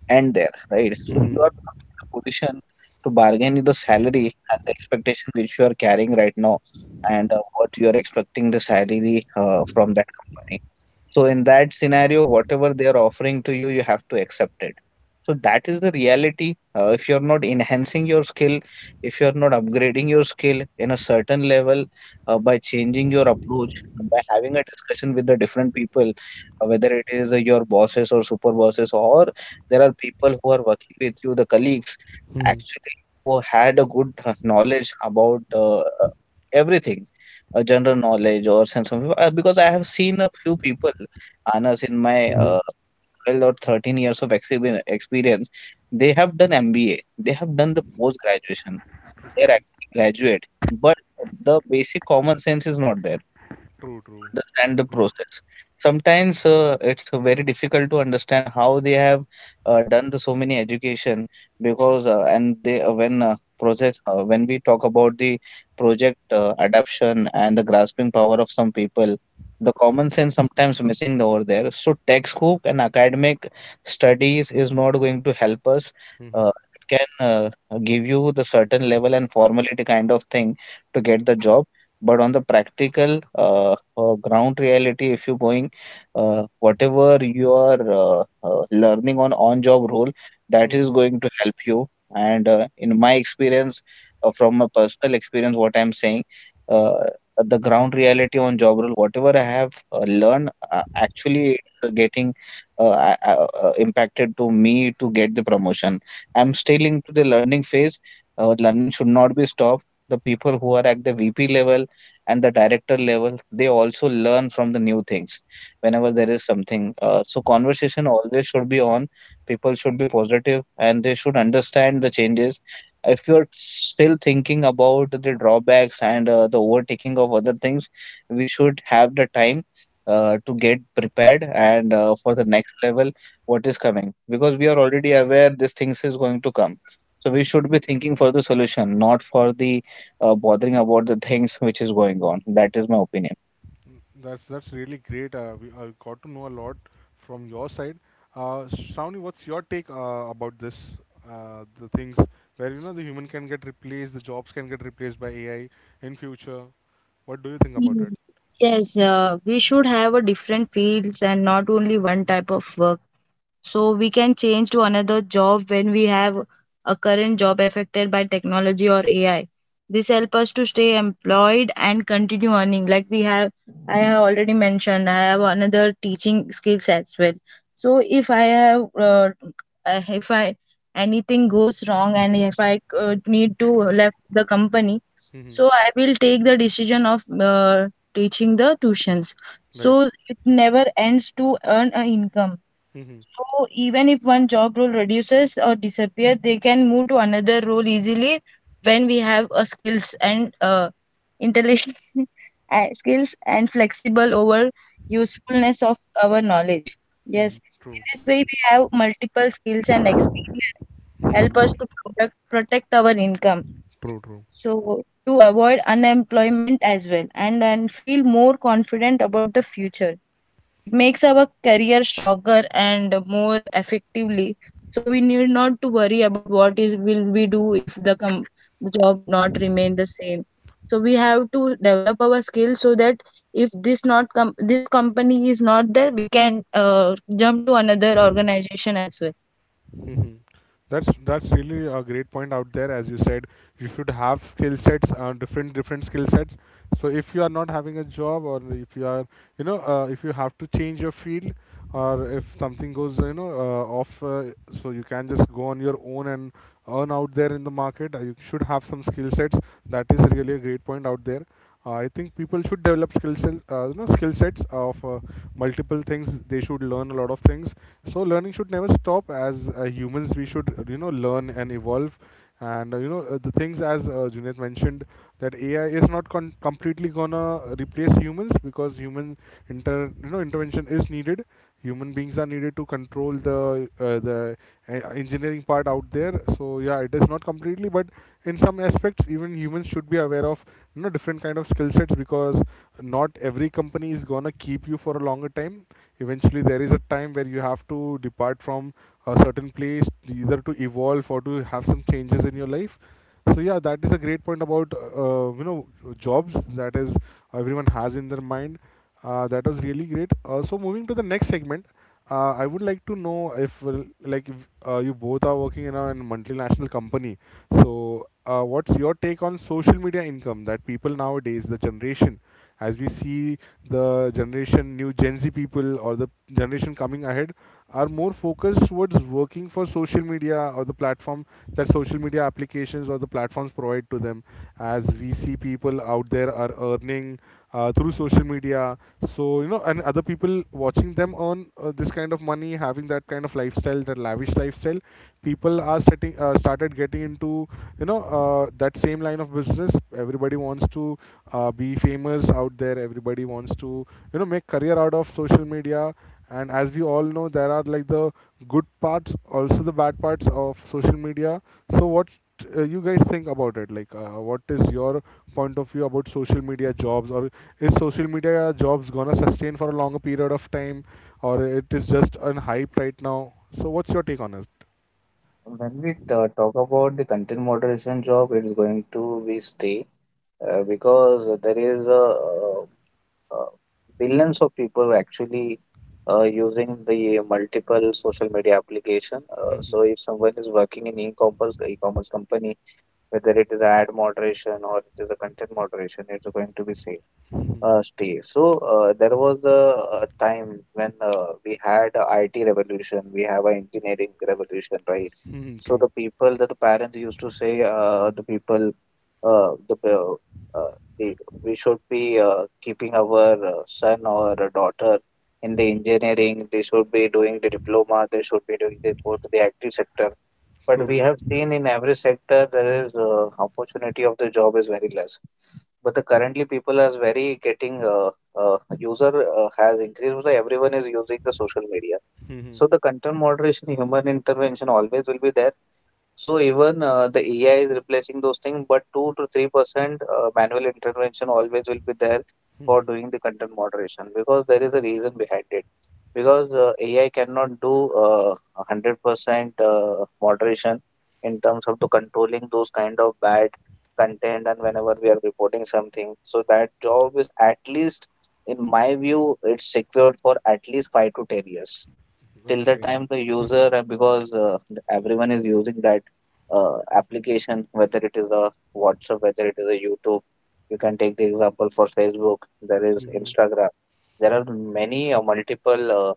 Speaker 2: end there, right? So you
Speaker 1: Mhm.
Speaker 2: are not in the position to bargain with the salary and the expectation which you are carrying right now, and uh, what you are expecting the salary uh, from that company. So in that scenario, whatever they are offering to you, you have to accept it. So that is the reality. Uh, if you're not enhancing your skill, if you're not upgrading your skill in a certain level uh, by changing your approach, uh, by having a discussion with the different people, uh, whether it is uh, your bosses or super bosses, or there are people who are working with you, the colleagues,
Speaker 1: Mhm.
Speaker 2: actually who had a good uh, knowledge about uh, uh, everything, uh, general knowledge or sense of uh, because I have seen a few people, Anas, in my
Speaker 1: Mhm.
Speaker 2: uh, twelve or thirteen years of exhibi- experience, they have done M B A, they have done the post graduation, they are actually graduate, but the basic common sense is not there
Speaker 1: True.
Speaker 2: to
Speaker 1: True.
Speaker 2: understand the
Speaker 1: Mhm.
Speaker 2: process. Sometimes uh, it's very difficult to understand how they have uh, done the so many education because uh, and they uh, when uh, project uh, when we talk about the project uh, adaption and the grasping power of some people, the common sense sometimes missing over there. So textbook and academic studies is not going to help us.
Speaker 1: Mhm. Mhm.
Speaker 2: Uh, it can uh, give you the certain level and formality kind of thing to get the job, but on the practical uh, uh, ground reality if you're going, uh, whatever you are uh, uh, learning on on job role, that is going to help you. And uh, in my experience uh, from my personal experience, what I'm saying, uh, the ground reality on job role whatever I have uh, learned, uh, actually it's uh, getting uh, uh, uh, uh, impacted to me to get the promotion. I'm still into the learning phase. Uh, learning should not be stopped. The people who are at the V P level and the director level, they also learn from the new things whenever there is something. Uh, so conversation always should be on. People should be positive and they should understand the changes. If you're still thinking about the drawbacks and uh, the overtaking of other things, we should have the time uh, to get prepared and uh, for the
Speaker 1: Mhm.
Speaker 2: next level, what is coming, because we are already aware these things is going to come. So we should be thinking for the solution, not for the uh, bothering about the things which is going on. That is my opinion.
Speaker 1: Mm, That's that's really great. Uh, we, I got to know a lot from your side. Uh, Shravani, what's your take uh, about this? Uh, the things where you know the human can get replaced, the jobs can get replaced by A I in future. What do you think about it?
Speaker 2: Mm, yes, uh, we should have a different fields and not only one type of work. So we can change to another job when we have a current job affected by technology or A I. This help us to stay employed and continue earning. Like we have, I have already mentioned, I have another teaching skills as well. So if I have, uh, uh, if I anything goes wrong and if I uh, need to left the company,
Speaker 1: Mhm.
Speaker 2: so I will take the decision of uh, teaching the tuitions.
Speaker 1: Right.
Speaker 2: So it never ends to earn an income.
Speaker 1: Mhm.
Speaker 2: So even if one job role reduces or disappears, they can move to another role easily when we have a skills and uh, intelligence uh, skills and flexible over usefulness of our knowledge. Yes, in
Speaker 1: True.
Speaker 2: this way we have multiple skills and experience help us to provide protect our income.
Speaker 1: True. True.
Speaker 2: So to avoid unemployment as well, and and feel more confident about the future. It makes our career stronger and more effectively. So we need not to worry about what is will we do if the com- the job not remain the same. So we have to develop our skills so that if this not com- this company is not there, we can uh, jump to another organization as well.
Speaker 1: Hmm. That's that's really a great point out there. As you said, you should have skill sets, uh, different different skill sets. So if you are not having a job, or if you are you know uh, if you have to change your field, or if something goes you know uh, off, uh, so you can just go on your own and earn out there in the market. Uh, you should have some skill sets. That is really a great point out there. uh, I think people should develop skill set, uh, you know skill sets of uh, multiple things. They should learn a lot of things, so learning should never stop. As uh, humans we should uh, you know learn and evolve. And uh, you know uh, the things as uh, Junaid mentioned, that A I is not con- completely gonna replace humans, because human inter you know intervention is needed. Human beings are needed to control the uh, the uh, engineering part out there. So yeah, it is not completely, but in some aspects, even humans should be aware of you know different kind of skill sets, because not every company is gonna keep you for a longer time. Eventually, there is a time where you have to depart from a certain place, either to evolve or to have some changes in your life. So yeah, that is a great point about uh, you know jobs that is everyone has in their mind. Uh, that was really great. Uh, so moving to the next segment, uh, I would like to know if uh, like if, uh, you both are working in a multinational company, so, uh, what's your take on social media income that people nowadays, the generation, as we see the generation, new Gen Z people or the generation coming ahead, are more focused towards working for social media or the platform that social media applications or the platforms provide to them? As we see people out there are earning uh, through social media. So, you know, and other people watching them earn, uh, this kind of money, having that kind of lifestyle, that lavish lifestyle, people are starting uh, started getting into you know uh, that same line of business. Everybody wants to uh, be famous out there. Everybody wants to you know make career out of social media. And as we all know there are like the good parts also the bad parts of social media. So what uh, you guys think about it, like uh, what is your point of view about social media jobs, or is social media jobs gonna sustain for a longer period of time, or it is just on hype right now? So what's your take on it?
Speaker 2: When we ta talk about the content moderation job, it's going to be stay uh, because there is a uh, uh, billions of people actually uh, using the multiple social media application. Uh,
Speaker 1: Mhm.
Speaker 2: so if someone is working in e-commerce, e-commerce company, whether it is ad moderation or it is a content moderation, it's going to be same
Speaker 1: Mhm.
Speaker 2: uh, stay. So uh, there was a, a time when uh, we had a I T revolution, we have an engineering revolution, right?
Speaker 1: Mhm.
Speaker 2: So
Speaker 1: True.
Speaker 2: the people that the parents used to say, uh, the people, uh, the uh, uh, the we should be uh, keeping our uh, son or a daughter in the engineering. They should be doing the diploma. They should be doing the go to the I T sector, but
Speaker 1: True.
Speaker 2: we have seen in every sector there is uh, opportunity of the job is very less. But the currently people are very getting uh, uh, user uh, has increased. So everyone is using the social media.
Speaker 1: Mhm.
Speaker 2: So the content moderation, human intervention always will be there. So even uh, the A I is replacing those things, but two to three percent uh, manual intervention always will be there for
Speaker 1: Mhm.
Speaker 2: doing the content moderation because there is a reason behind it. Because uh, A I cannot do uh, one hundred percent uh, moderation in terms of the controlling those kind of bad content and whenever we are reporting something. So that job is, at least in my view, it's secured for at least five to ten years till the
Speaker 1: Okay.
Speaker 2: time the
Speaker 1: Mhm.
Speaker 2: user uh, because uh, everyone is using that uh, application, whether it is a WhatsApp, whether it is a YouTube. You can take the example for Facebook, there is
Speaker 1: Mhm.
Speaker 2: Instagram, there are many uh, multiple uh,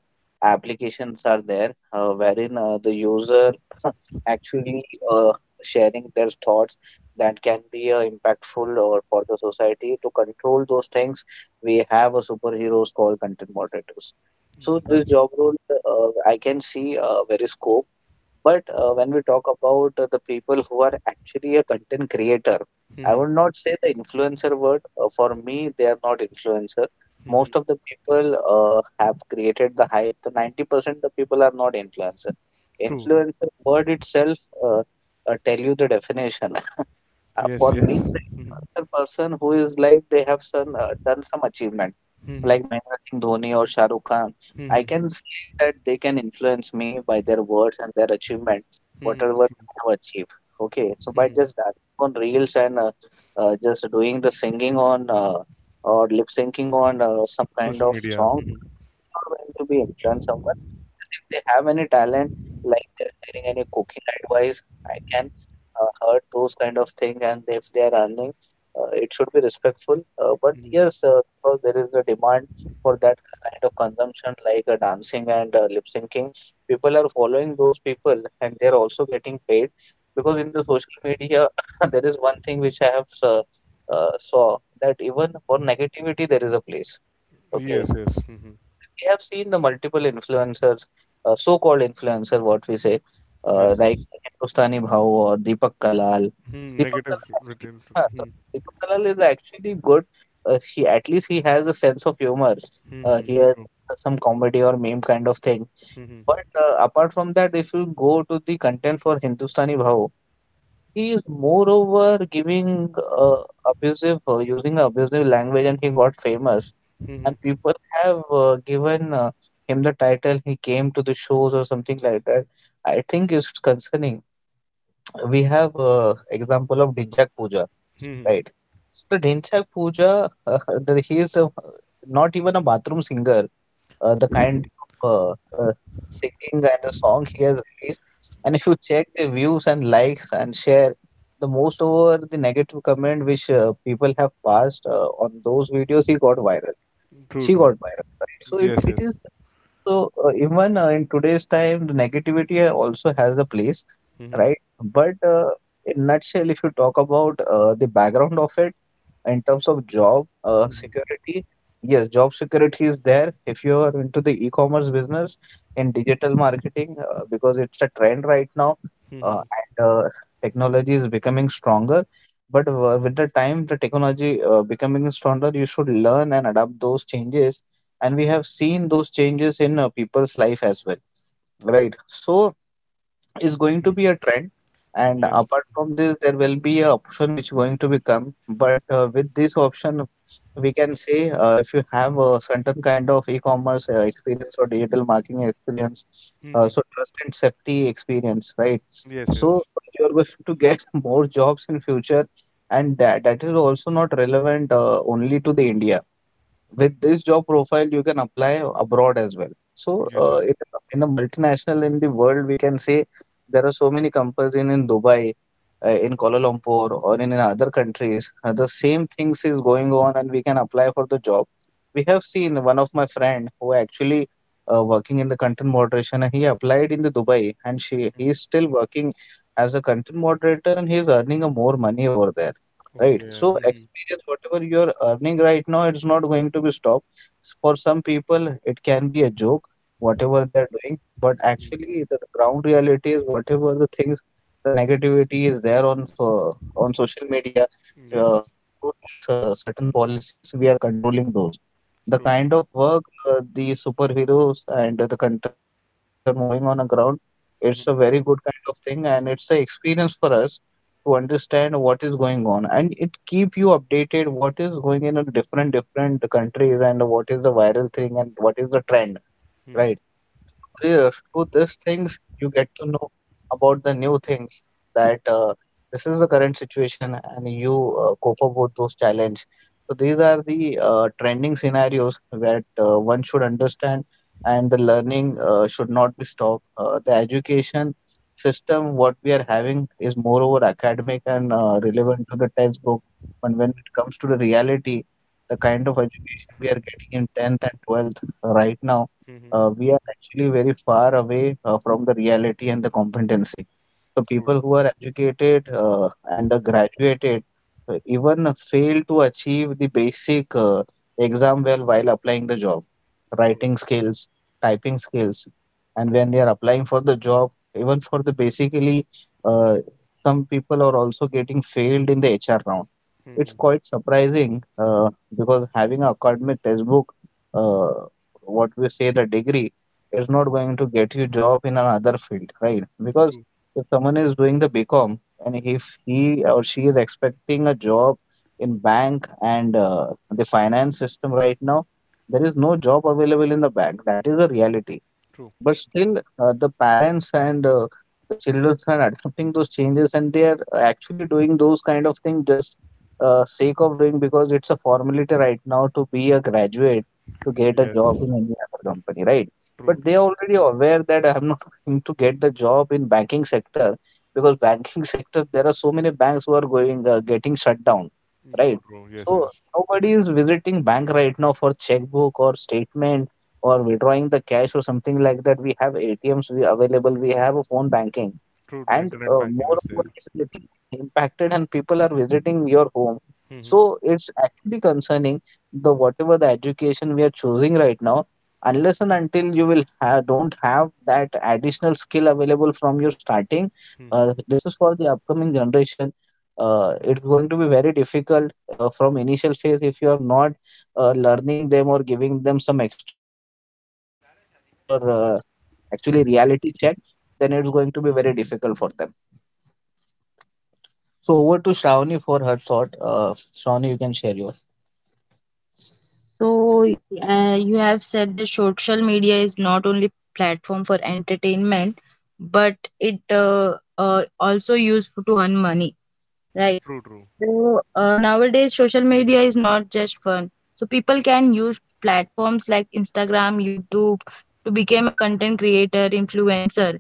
Speaker 2: applications are there, uh, wherein uh, the user actually uh, sharing their thoughts that can be uh, impactful or for the society. To control those things, we have a superheroes called content moderators. So
Speaker 1: Mm,
Speaker 2: this
Speaker 1: that's
Speaker 2: job role, uh, uh, I can see uh, very scope. But uh, when we talk about uh, the people who are actually a content creator, I
Speaker 1: Mhm.
Speaker 2: would not say the influencer word. Uh, for me, they are not influencer.
Speaker 1: Mhm.
Speaker 2: Most of the people uh, have created the hype. The ninety percent the people are not influencer.
Speaker 1: true. True.
Speaker 2: Influencer word itself uh, uh, tell you the definition. Uh,
Speaker 1: Yes.
Speaker 2: for
Speaker 1: Yes.
Speaker 2: me, the
Speaker 1: Mhm.
Speaker 2: influencer person who is like they have some, uh, done some achievement
Speaker 1: Mhm.
Speaker 2: like Mahendra Singh Dhoni or Shah Rukh Khan. I can
Speaker 1: Mhm.
Speaker 2: say that they can influence me by their words and their achievement,
Speaker 1: Mhm.
Speaker 2: whatever
Speaker 1: True.
Speaker 2: they have achieved. Okay, so by
Speaker 1: Mhm.
Speaker 2: just dancing on reels and uh, uh, just doing the singing on uh, or lip syncing on uh, some kind
Speaker 1: Social
Speaker 2: of
Speaker 1: media.
Speaker 2: songs,
Speaker 1: Mhm.
Speaker 2: uh, uh, it's not going to be influence someone. Yes, if they have any talent, like they're sharing any cooking advice, I can uh, heard those kind of thing, and if they are earning, uh, it should be respectful. Uh, but
Speaker 1: Mhm.
Speaker 2: yes, uh, because there is a demand for that ki- kind of consumption like uh, dancing and uh, lip syncing, people are following those people and they are also getting paid. Because in the social media there is one thing which I have uh, uh, saw that even for negativity there is a place. Okay,
Speaker 1: Yes.
Speaker 2: so
Speaker 1: Yes.
Speaker 2: there,
Speaker 1: Mhm.
Speaker 2: there we have seen the multiple influencers, uh, so-called influencer, what we say, uh,
Speaker 1: Yes.
Speaker 2: like
Speaker 1: Yes.
Speaker 2: uh, Hindustani Bhau or Deepak Kalal.
Speaker 1: Mhm.
Speaker 2: Deepak
Speaker 1: Negative
Speaker 2: Kalal actually,
Speaker 1: written.
Speaker 2: huh,
Speaker 1: Mhm.
Speaker 2: so Deepak Kalal is actually good. Uh, he at least he has a sense of humor. Uh, he
Speaker 1: Mhm.
Speaker 2: has
Speaker 1: True.
Speaker 2: done the, some comedy or meme kind of thing.
Speaker 1: Mhm.
Speaker 2: But uh, apart from that, if you go to the content for Hindustani Bhau, he is moreover giving uh, abusive, uh, using abusive language, and he got famous.
Speaker 1: Mhm.
Speaker 2: And people have uh, given uh, him the title. He came to the shows or something like that. I think it's concerning. We have uh, example of Dhinchak Puja, right? So the Dhinchak Puja, uh, he is a, not even a bathroom singer, uh, the kind of uh, uh, singing and the song he has released. And if you check the views and likes and share, the most over the negative comment which uh, people have passed uh, on those videos, he got viral,
Speaker 1: True.
Speaker 2: she
Speaker 1: True.
Speaker 2: got viral, right? So it
Speaker 1: Yes.
Speaker 2: it
Speaker 1: Yes.
Speaker 2: is, so uh, even uh, in today's time the negativity uh, also has a place,
Speaker 1: Mhm.
Speaker 2: right? But uh, in nutshell, if you talk about uh, the background of it in terms of job uh,
Speaker 1: Mhm.
Speaker 2: security, yes, job security is there if you are into the e-commerce business, in digital marketing, uh, because it's a trend right now. Uh,
Speaker 1: Mhm.
Speaker 2: and uh, Technology is becoming stronger, but w- with the time, the technology uh, becoming stronger, you should learn and adapt those changes. And we have seen those changes in uh, people's life as well, right? So is going
Speaker 1: Mhm.
Speaker 2: to be a trend. And
Speaker 1: Yes.
Speaker 2: apart from this, there will be a option which going to become, but uh, with this option, we can say uh, if you have a certain kind of e-commerce uh, experience or digital marketing experience, uh,
Speaker 1: Mhm.
Speaker 2: so trust and safety experience, right?
Speaker 1: Yes.
Speaker 2: So
Speaker 1: Yes.
Speaker 2: uh, you are going to get more jobs in future. And that, that is also not relevant uh, only to the India. With this job profile, you can apply abroad as well. So
Speaker 1: Yes.
Speaker 2: uh,
Speaker 1: Yes.
Speaker 2: in a in a multinational, in the world we can say, there are so many companies in, in Dubai, uh, in Kuala Lumpur, or in, in other countries, uh, the same things is going on and we can apply for the job. We have seen one of my friend who actually uh, working in the content moderation, and he applied in the Dubai, and she he is still working as a content moderator, and he is earning a more money over there, right?
Speaker 1: Okay.
Speaker 2: So
Speaker 1: Mhm.
Speaker 2: experience, whatever you are earning right now, it's not going to be stopped. S- For some people, it can be a joke, whatever they're doing, but
Speaker 1: Mhm.
Speaker 2: actually the the ground reality is whatever the things, the negativity is there on so, on social media,
Speaker 1: Yes.
Speaker 2: uh, through to s- uh, certain policies, we are controlling those. The
Speaker 1: True.
Speaker 2: kind of work uh, the superheroes and the content moderator which are doing on the ground, it's a
Speaker 1: Mhm,
Speaker 2: very good kind of thing, and it's a experience for us to understand what is going on, and it keep you updated what is going in a different different countries and what is the viral thing and what is the trend,
Speaker 1: mhm,
Speaker 2: right? Through the, through these things you get to know about the new things, that uh, this is the current situation, and you uh, cope up with those challenge. So these are the uh, trending scenarios that uh, one should understand, and the learning uh, should not be stopped. Uh, the education system what we are having is moreover academic and uh, relevant to the textbook, but when it comes to the reality, the kind of education we are getting in tenth and twelfth right now,
Speaker 1: mhm.
Speaker 2: uh, we are actually very far away uh, from the reality and the competency. So
Speaker 1: True.
Speaker 2: people who are educated uh, and uh, graduated uh, even fail to achieve the basic uh, exam well while applying the job,
Speaker 1: True.
Speaker 2: writing skills, typing skills, and when they are applying for the job, even for the basically, uh, some people are also getting failed in the H R round.
Speaker 1: Mhm.
Speaker 2: It's quite surprising uh, because having an academic textbook. Uh, what we say, the degree is not going to get you job in another field, right?
Speaker 1: True.
Speaker 2: Because if someone is doing the bcom and if he or she is expecting a job in bank and uh, the finance system, right now there is no job available in the bank. That is a reality,
Speaker 1: True.
Speaker 2: but still uh, the parents and uh, the children are adapting those changes, and they are uh, actually doing those kind of things just uh, sake of doing, because it's a formality right now to be a graduate to get a job
Speaker 1: Yes.
Speaker 2: in any other company, right?
Speaker 1: True.
Speaker 2: But they
Speaker 1: True.
Speaker 2: are already aware that I'm not going to get the job in banking sector, because banking sector there are so many banks who are going uh, getting shut down,
Speaker 1: True.
Speaker 2: right?
Speaker 1: True. Yes. Yes.
Speaker 2: So nobody is visiting bank right now for checkbook or statement or withdrawing the cash or something like that. We have atms we available, we have a phone banking,
Speaker 1: True. True.
Speaker 2: and
Speaker 1: Internet
Speaker 2: uh,
Speaker 1: banking is there.
Speaker 2: moreover it's getting impacted and people are visiting your home.
Speaker 1: Mhm.
Speaker 2: So it's actually concerning the whatever the education we are choosing right now. Unless and until you will ha- don't have that additional skill available from your starting, uh, this is for the upcoming generation, uh, it's going to be very difficult uh, from initial phase if you are not uh, learning them or giving them some extra uh, activities or uh, actually reality check, then it's going to be very difficult for them. So over to Shravani for her thought. Uh, Shravani, you can share yours. So, uh, you have said that social media is not only platform for entertainment, but it uh, uh, also used to earn money. Right.
Speaker 1: True.
Speaker 2: So uh, nowadays, social media is not just fun. So people can use platforms like Instagram, YouTube to become a content creator, influencer,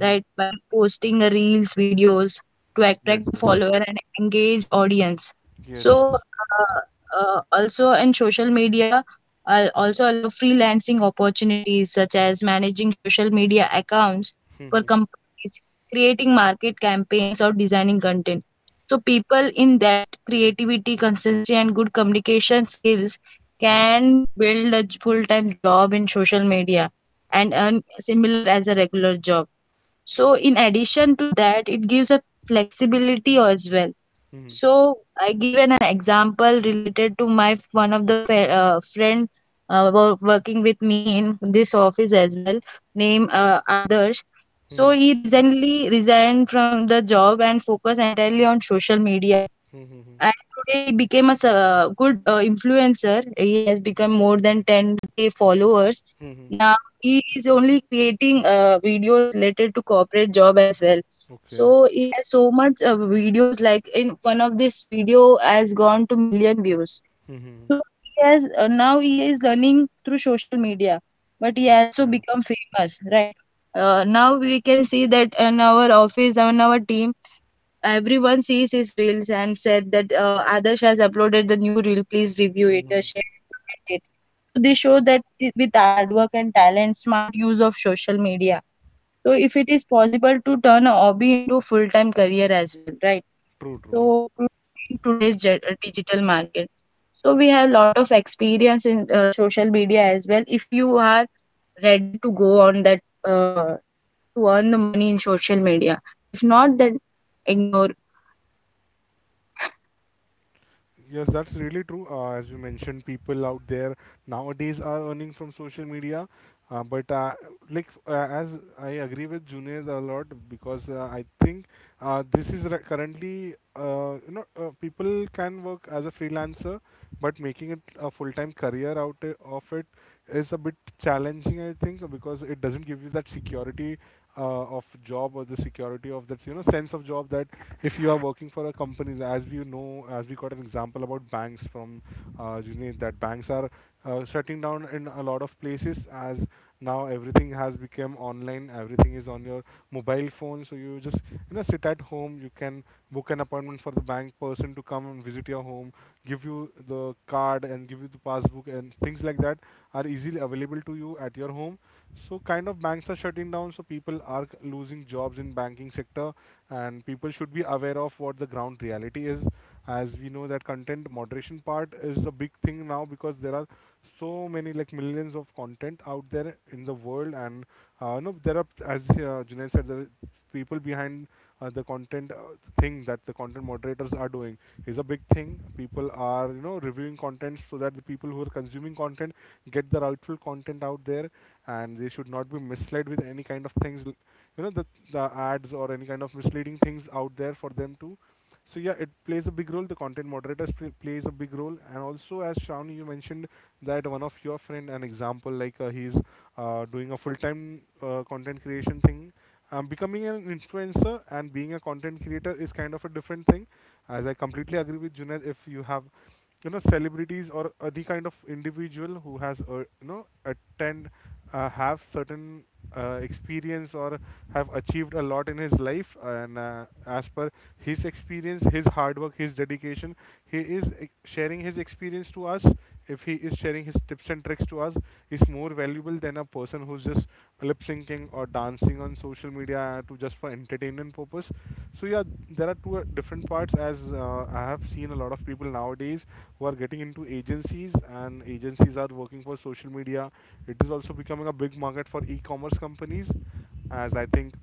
Speaker 2: right? By posting a reels, videos to attract
Speaker 1: Yes.
Speaker 2: the
Speaker 1: Yes.
Speaker 2: follower and engage audience.
Speaker 1: Yes.
Speaker 2: So
Speaker 1: Yes.
Speaker 2: uh, uh, Also in social media, I also allow freelancing opportunities such as managing social media accounts for companies, creating market campaigns, or designing content, so people in that creativity, consistency, and good communication skills can build a full-time job in social media and earn similar as a regular job. So in addition to that, it gives a flexibility as well. So I given an example related to my f- one of the fe- uh, friend uh, wo- working with me in this office as well, name uh, Adarsh. So he recently resigned from the job and focused entirely on social media,
Speaker 1: Mm.
Speaker 2: and today he became a s- uh, good uh, influencer. He has become more than ten k followers. Now he is only creating uh, videos related to corporate job as well. So
Speaker 1: Okay.
Speaker 2: he has so much uh, videos, like in one of this video has gone to million views.
Speaker 1: Mhm.
Speaker 2: So he has uh, now he is learning through social media, but he also
Speaker 1: Yeah.
Speaker 2: become famous, right? Uh, now we can see that in our office and our team, everyone sees his reels and said that uh, Adarsh has uploaded the new reel. Please review it, uh,
Speaker 1: Mhm.
Speaker 2: share and comment it. So they show that I- with hard work and talent, smart use of social media. So if it is possible to turn a hobby into full-time career as well, right?
Speaker 1: True. True.
Speaker 2: So to, in today's ge- uh, digital market, so we have lot of experience in uh, social media as well. If you are ready to go on that uh, to earn the money in social media, if not, then ignore.
Speaker 1: Yes, that's really true. Uh, as you mentioned, people out there nowadays are earning from social media. Uh, but uh, like uh, as I agree with Junaid a lot because uh, I think uh, this is re- currently uh, you know uh, people can work as a freelancer, but making it a full-time career out i- of it is a bit challenging. I think because it doesn't give you that security uh, of job or the security of that you know sense of job that if you are working for a company, as we know, as we got an example about banks from uh, Junaid, that banks are uh, shutting down in a lot of places as now everything has become online, everything is on your mobile phone. So you just, you know, sit at home, you can book an appointment for the bank person to come and visit your home, give you the card and give you the passbook, and things like that are easily available to you at your home. So kind of banks are shutting down, so people are c- losing jobs in banking sector, and people should be aware of what the ground reality is. As we know that content moderation part is a big thing now because there are so many like millions of content out there in the world. And uh, you know, there are, as uh, Junaid said, there are people behind uh, the content uh, thing. That the content moderators are doing is a big thing. People are, you know, reviewing content so that the people who are consuming content get the rightful content out there, and they should not be misled with any kind of things. L- you know, the, the ads or any kind of misleading things out there for them too. So yeah, it plays a big role, the content moderator plays a big role. And also as Shawn you mentioned that one of your friend, an example, like uh, he's uh, doing a full-time uh, content creation thing. Um, becoming an influencer and being a content creator is kind of a different thing, as I completely agree with Junaid. If you have, you know, celebrities or any kind of individual who has uh, you know attend uh, have certain uh, experience or have achieved a lot in his life, and uh, as per his experience, his hard work, his dedication, he is ex- sharing his experience to us, if he is sharing his tips and tricks to us, is more valuable than a person who's just lip syncing or dancing on social media to just for entertainment purpose. So yeah, there are two uh, different parts. As uh, I have seen a lot of people nowadays who are getting into agencies, and agencies are working for social media. It is also becoming a big market for e-commerce companies. As I think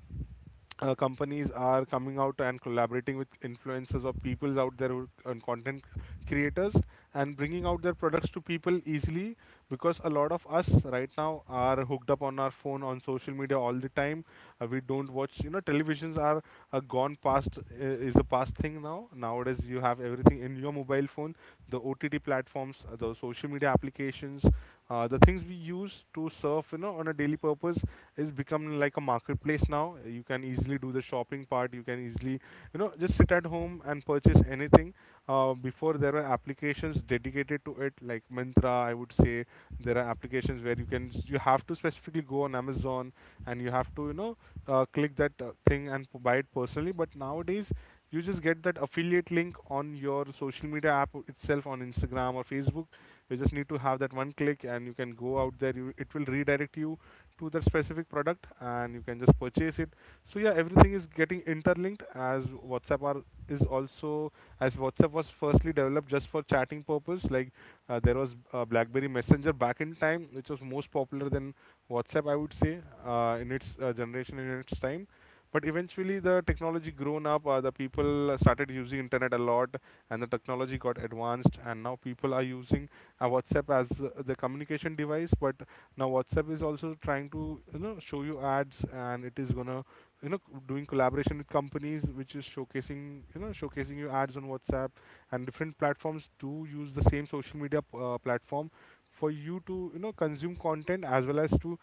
Speaker 1: uh, companies are coming out and collaborating with influencers or people out there who and content creators, and bringing out their products to people easily, because a lot of us right now are hooked up on our phone on social media all the time. Uh, we don't watch, you know, televisions are uh, gone past. Uh, is a past thing now. Nowadays you have everything in your mobile phone, the O T T platforms, uh, the social media applications, uh, the things we use to surf, you know, on a daily purpose, is becoming like a marketplace now. You can easily do the shopping part. You can easily, you know, just sit at home and purchase anything. Uh, before there were applications dedicated to it, like Mintra. I would say there are applications where you can you have to specifically go on Amazon, and you have to, you know, uh, click that uh, thing and p- buy it personally. But nowadays you just get that affiliate link on your social media app itself on Instagram or Facebook. You just need to have that one click and you can go out there. You, it will redirect you to that specific product, and you can just purchase it. So yeah, everything is getting interlinked, as WhatsApp are, is also, as WhatsApp was firstly developed just for chatting purpose. Like uh, there was uh, BlackBerry Messenger back in time, which was most popular than WhatsApp, I would say, uh, in its uh, generation, in its time. But eventually the technology grown up, uh, the people started using internet a lot, and the technology got advanced, and now people are using uh, WhatsApp as uh, the communication device. But now WhatsApp is also trying to, you know, show you ads, and it is gonna, you know, c- doing collaboration with companies, which is showcasing, you know, showcasing you ads on WhatsApp and different platforms. Do use the same social media p- uh, platform for you to, you know, consume content as well as to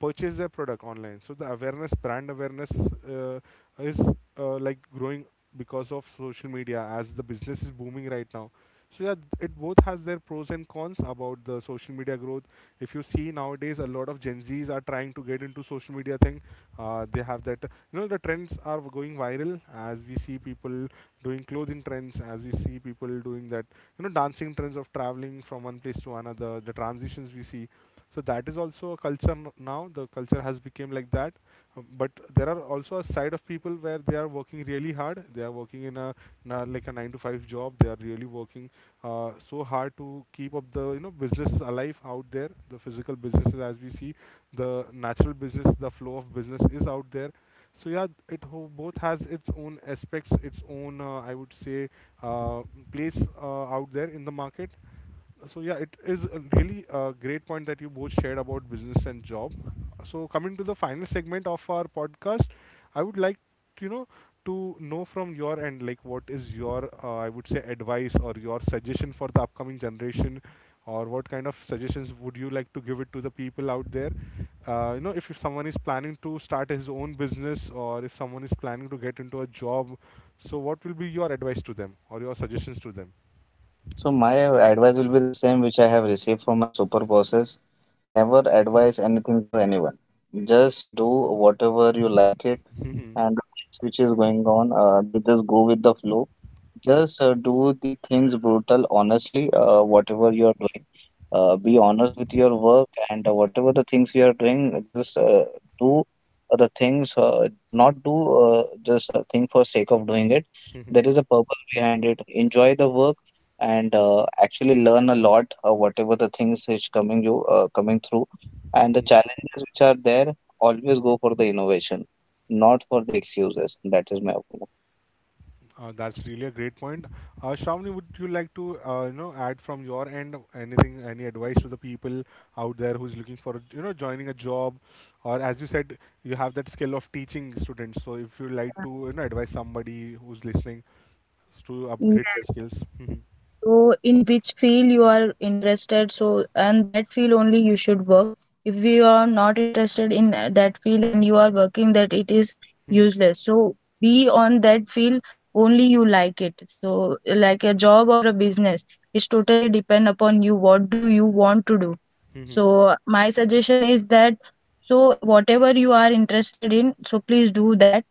Speaker 1: purchase their product online. So the awareness, brand awareness uh, is uh, like growing because of social media, as the business is booming right now. So yeah, it both has their pros and cons about the social media growth. If you see nowadays a lot of Gen Z's are trying to get into social media thing. Uh, they have that, you know, the trends are going viral, as we see people doing clothing trends, as we see people doing that, you know, dancing trends of traveling from one place to another, the transitions we see. So that is also a culture. N- now the culture has become like that. Uh, but there are also a side of people where they are working really hard. They are working in a, in a like a nine to five job. They are really working uh, so hard to keep up the, you know, businesses alive out there, the physical businesses, as we see the natural business, the flow of business is out there. So yeah, it ho- both has its own aspects, its own uh, I would say uh, place uh, out there in the market. So yeah, it is a really a great point that you both shared about business and job. So coming to the final segment of our podcast, I would like, you know, to know from your end, like what is your uh, I would say advice or your suggestion for the upcoming generation, or what kind of suggestions would you like to give it to the people out there? Uh, you know, if, if someone is planning to start his own business or if someone is planning to get into a job, so what will be your advice to them or your suggestions to them?
Speaker 2: So my advice will be the same which I have received from my super bosses. Never advise anything to anyone. Just do whatever you like it,
Speaker 1: Hmm
Speaker 2: and the things which is going on, uh, they just go with the flow. Just uh, do the things brutal honestly. Uh, whatever you are doing, uh, be honest with your work, and uh, whatever the things you are doing, just uh, do uh, the things, uh, not do uh, just a thing for sake of doing it. There is a purpose behind it. Enjoy the work, and uh, actually learn a lot. Uh, whatever the things which coming you uh, coming through, and the
Speaker 1: Mhm.
Speaker 2: challenges which are there, always go for the innovation, not for the excuses. That is my opinion.
Speaker 1: Uh, that's really a great point. Uh, Shravani, would you like to uh, you know add from your end anything, any advice to the
Speaker 2: Mm.
Speaker 1: people
Speaker 2: Yes.
Speaker 1: out there who's looking for, you know, joining a job, or as you said, you have that skill of teaching students. So if you like
Speaker 2: Yeah.
Speaker 1: to, you know, advise somebody who's listening to upgrade their
Speaker 2: Yes.
Speaker 1: skills. Mhm.
Speaker 2: So in which field you are interested, so and that field only you should work. If you are not interested in that field and you are working, that it is useless. So be on that field only you like it. So like a job or a business, it's totally depend upon you. What do you want to do?
Speaker 1: Mhm.
Speaker 2: So my suggestion is that, so whatever you are interested in, so please do that.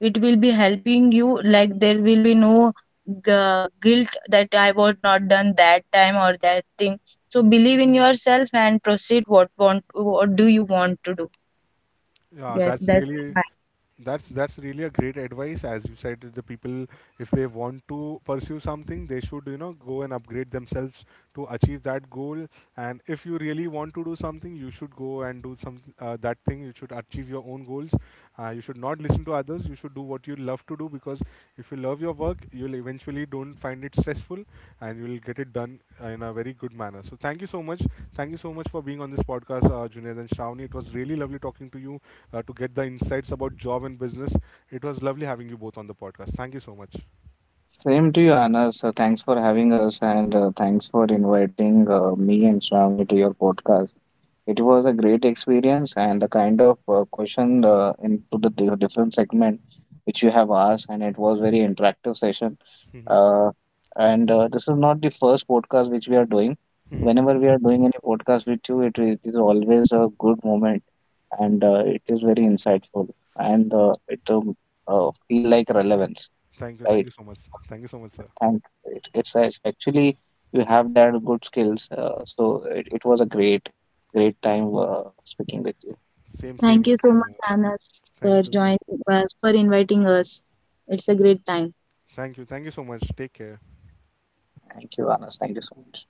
Speaker 2: It will be helping you. Like there will be no gu- guilt that I was not done that time or that thing. So believe in yourself and proceed what want what do you want to do.
Speaker 1: Yeah,
Speaker 2: Yes,
Speaker 1: that's
Speaker 2: that's the
Speaker 1: really.
Speaker 2: my.
Speaker 1: That's that's really a great advice. As you said, the people, if they want to pursue something, they should, you know, go and upgrade themselves to achieve that goal. And if you really want to do something, you should go and do some uh, that thing. You should achieve your own goals. Uh, you should not listen to others. You should do what you love to do, because if you love your work, you'll eventually don't find it stressful, and you'll get it done uh, in a very good manner. So thank you so much. Thank you so much for being on this podcast, uh, Junaid and Shravani. It was really lovely talking to you uh, to get the insights about job and business. It was lovely having you both on the podcast. Thank you so much.
Speaker 2: Same to you, Anas. So thanks for having us, and uh, thanks for inviting uh, me and Shravani to your podcast. It was a great experience, and the kind of uh, question uh, into the di- different segment which you have asked, and it was very interactive session. Uh, and uh, this is not the first podcast which we are doing. Whenever we are doing any podcast with you, it is it is always a good moment, and uh, it is very insightful, and uh, it um, uh, feel like relevance,
Speaker 1: Thank you. Thank
Speaker 2: right?
Speaker 1: you so much.
Speaker 2: So
Speaker 1: Thank you so much, sir.
Speaker 2: thank it, it's it's actually you have that good skills. Uh, so it, it was a great great time uh, speaking with you.
Speaker 1: Same, same
Speaker 2: Thank you
Speaker 1: here.
Speaker 2: so
Speaker 1: Same
Speaker 2: much,
Speaker 1: here.
Speaker 2: Anas, for
Speaker 1: Thank you. Thank,
Speaker 2: joining us, for inviting us. It's a great time.
Speaker 1: thank you. Thank you so much. Take care.
Speaker 2: Thank you, Anas. Thank you so much.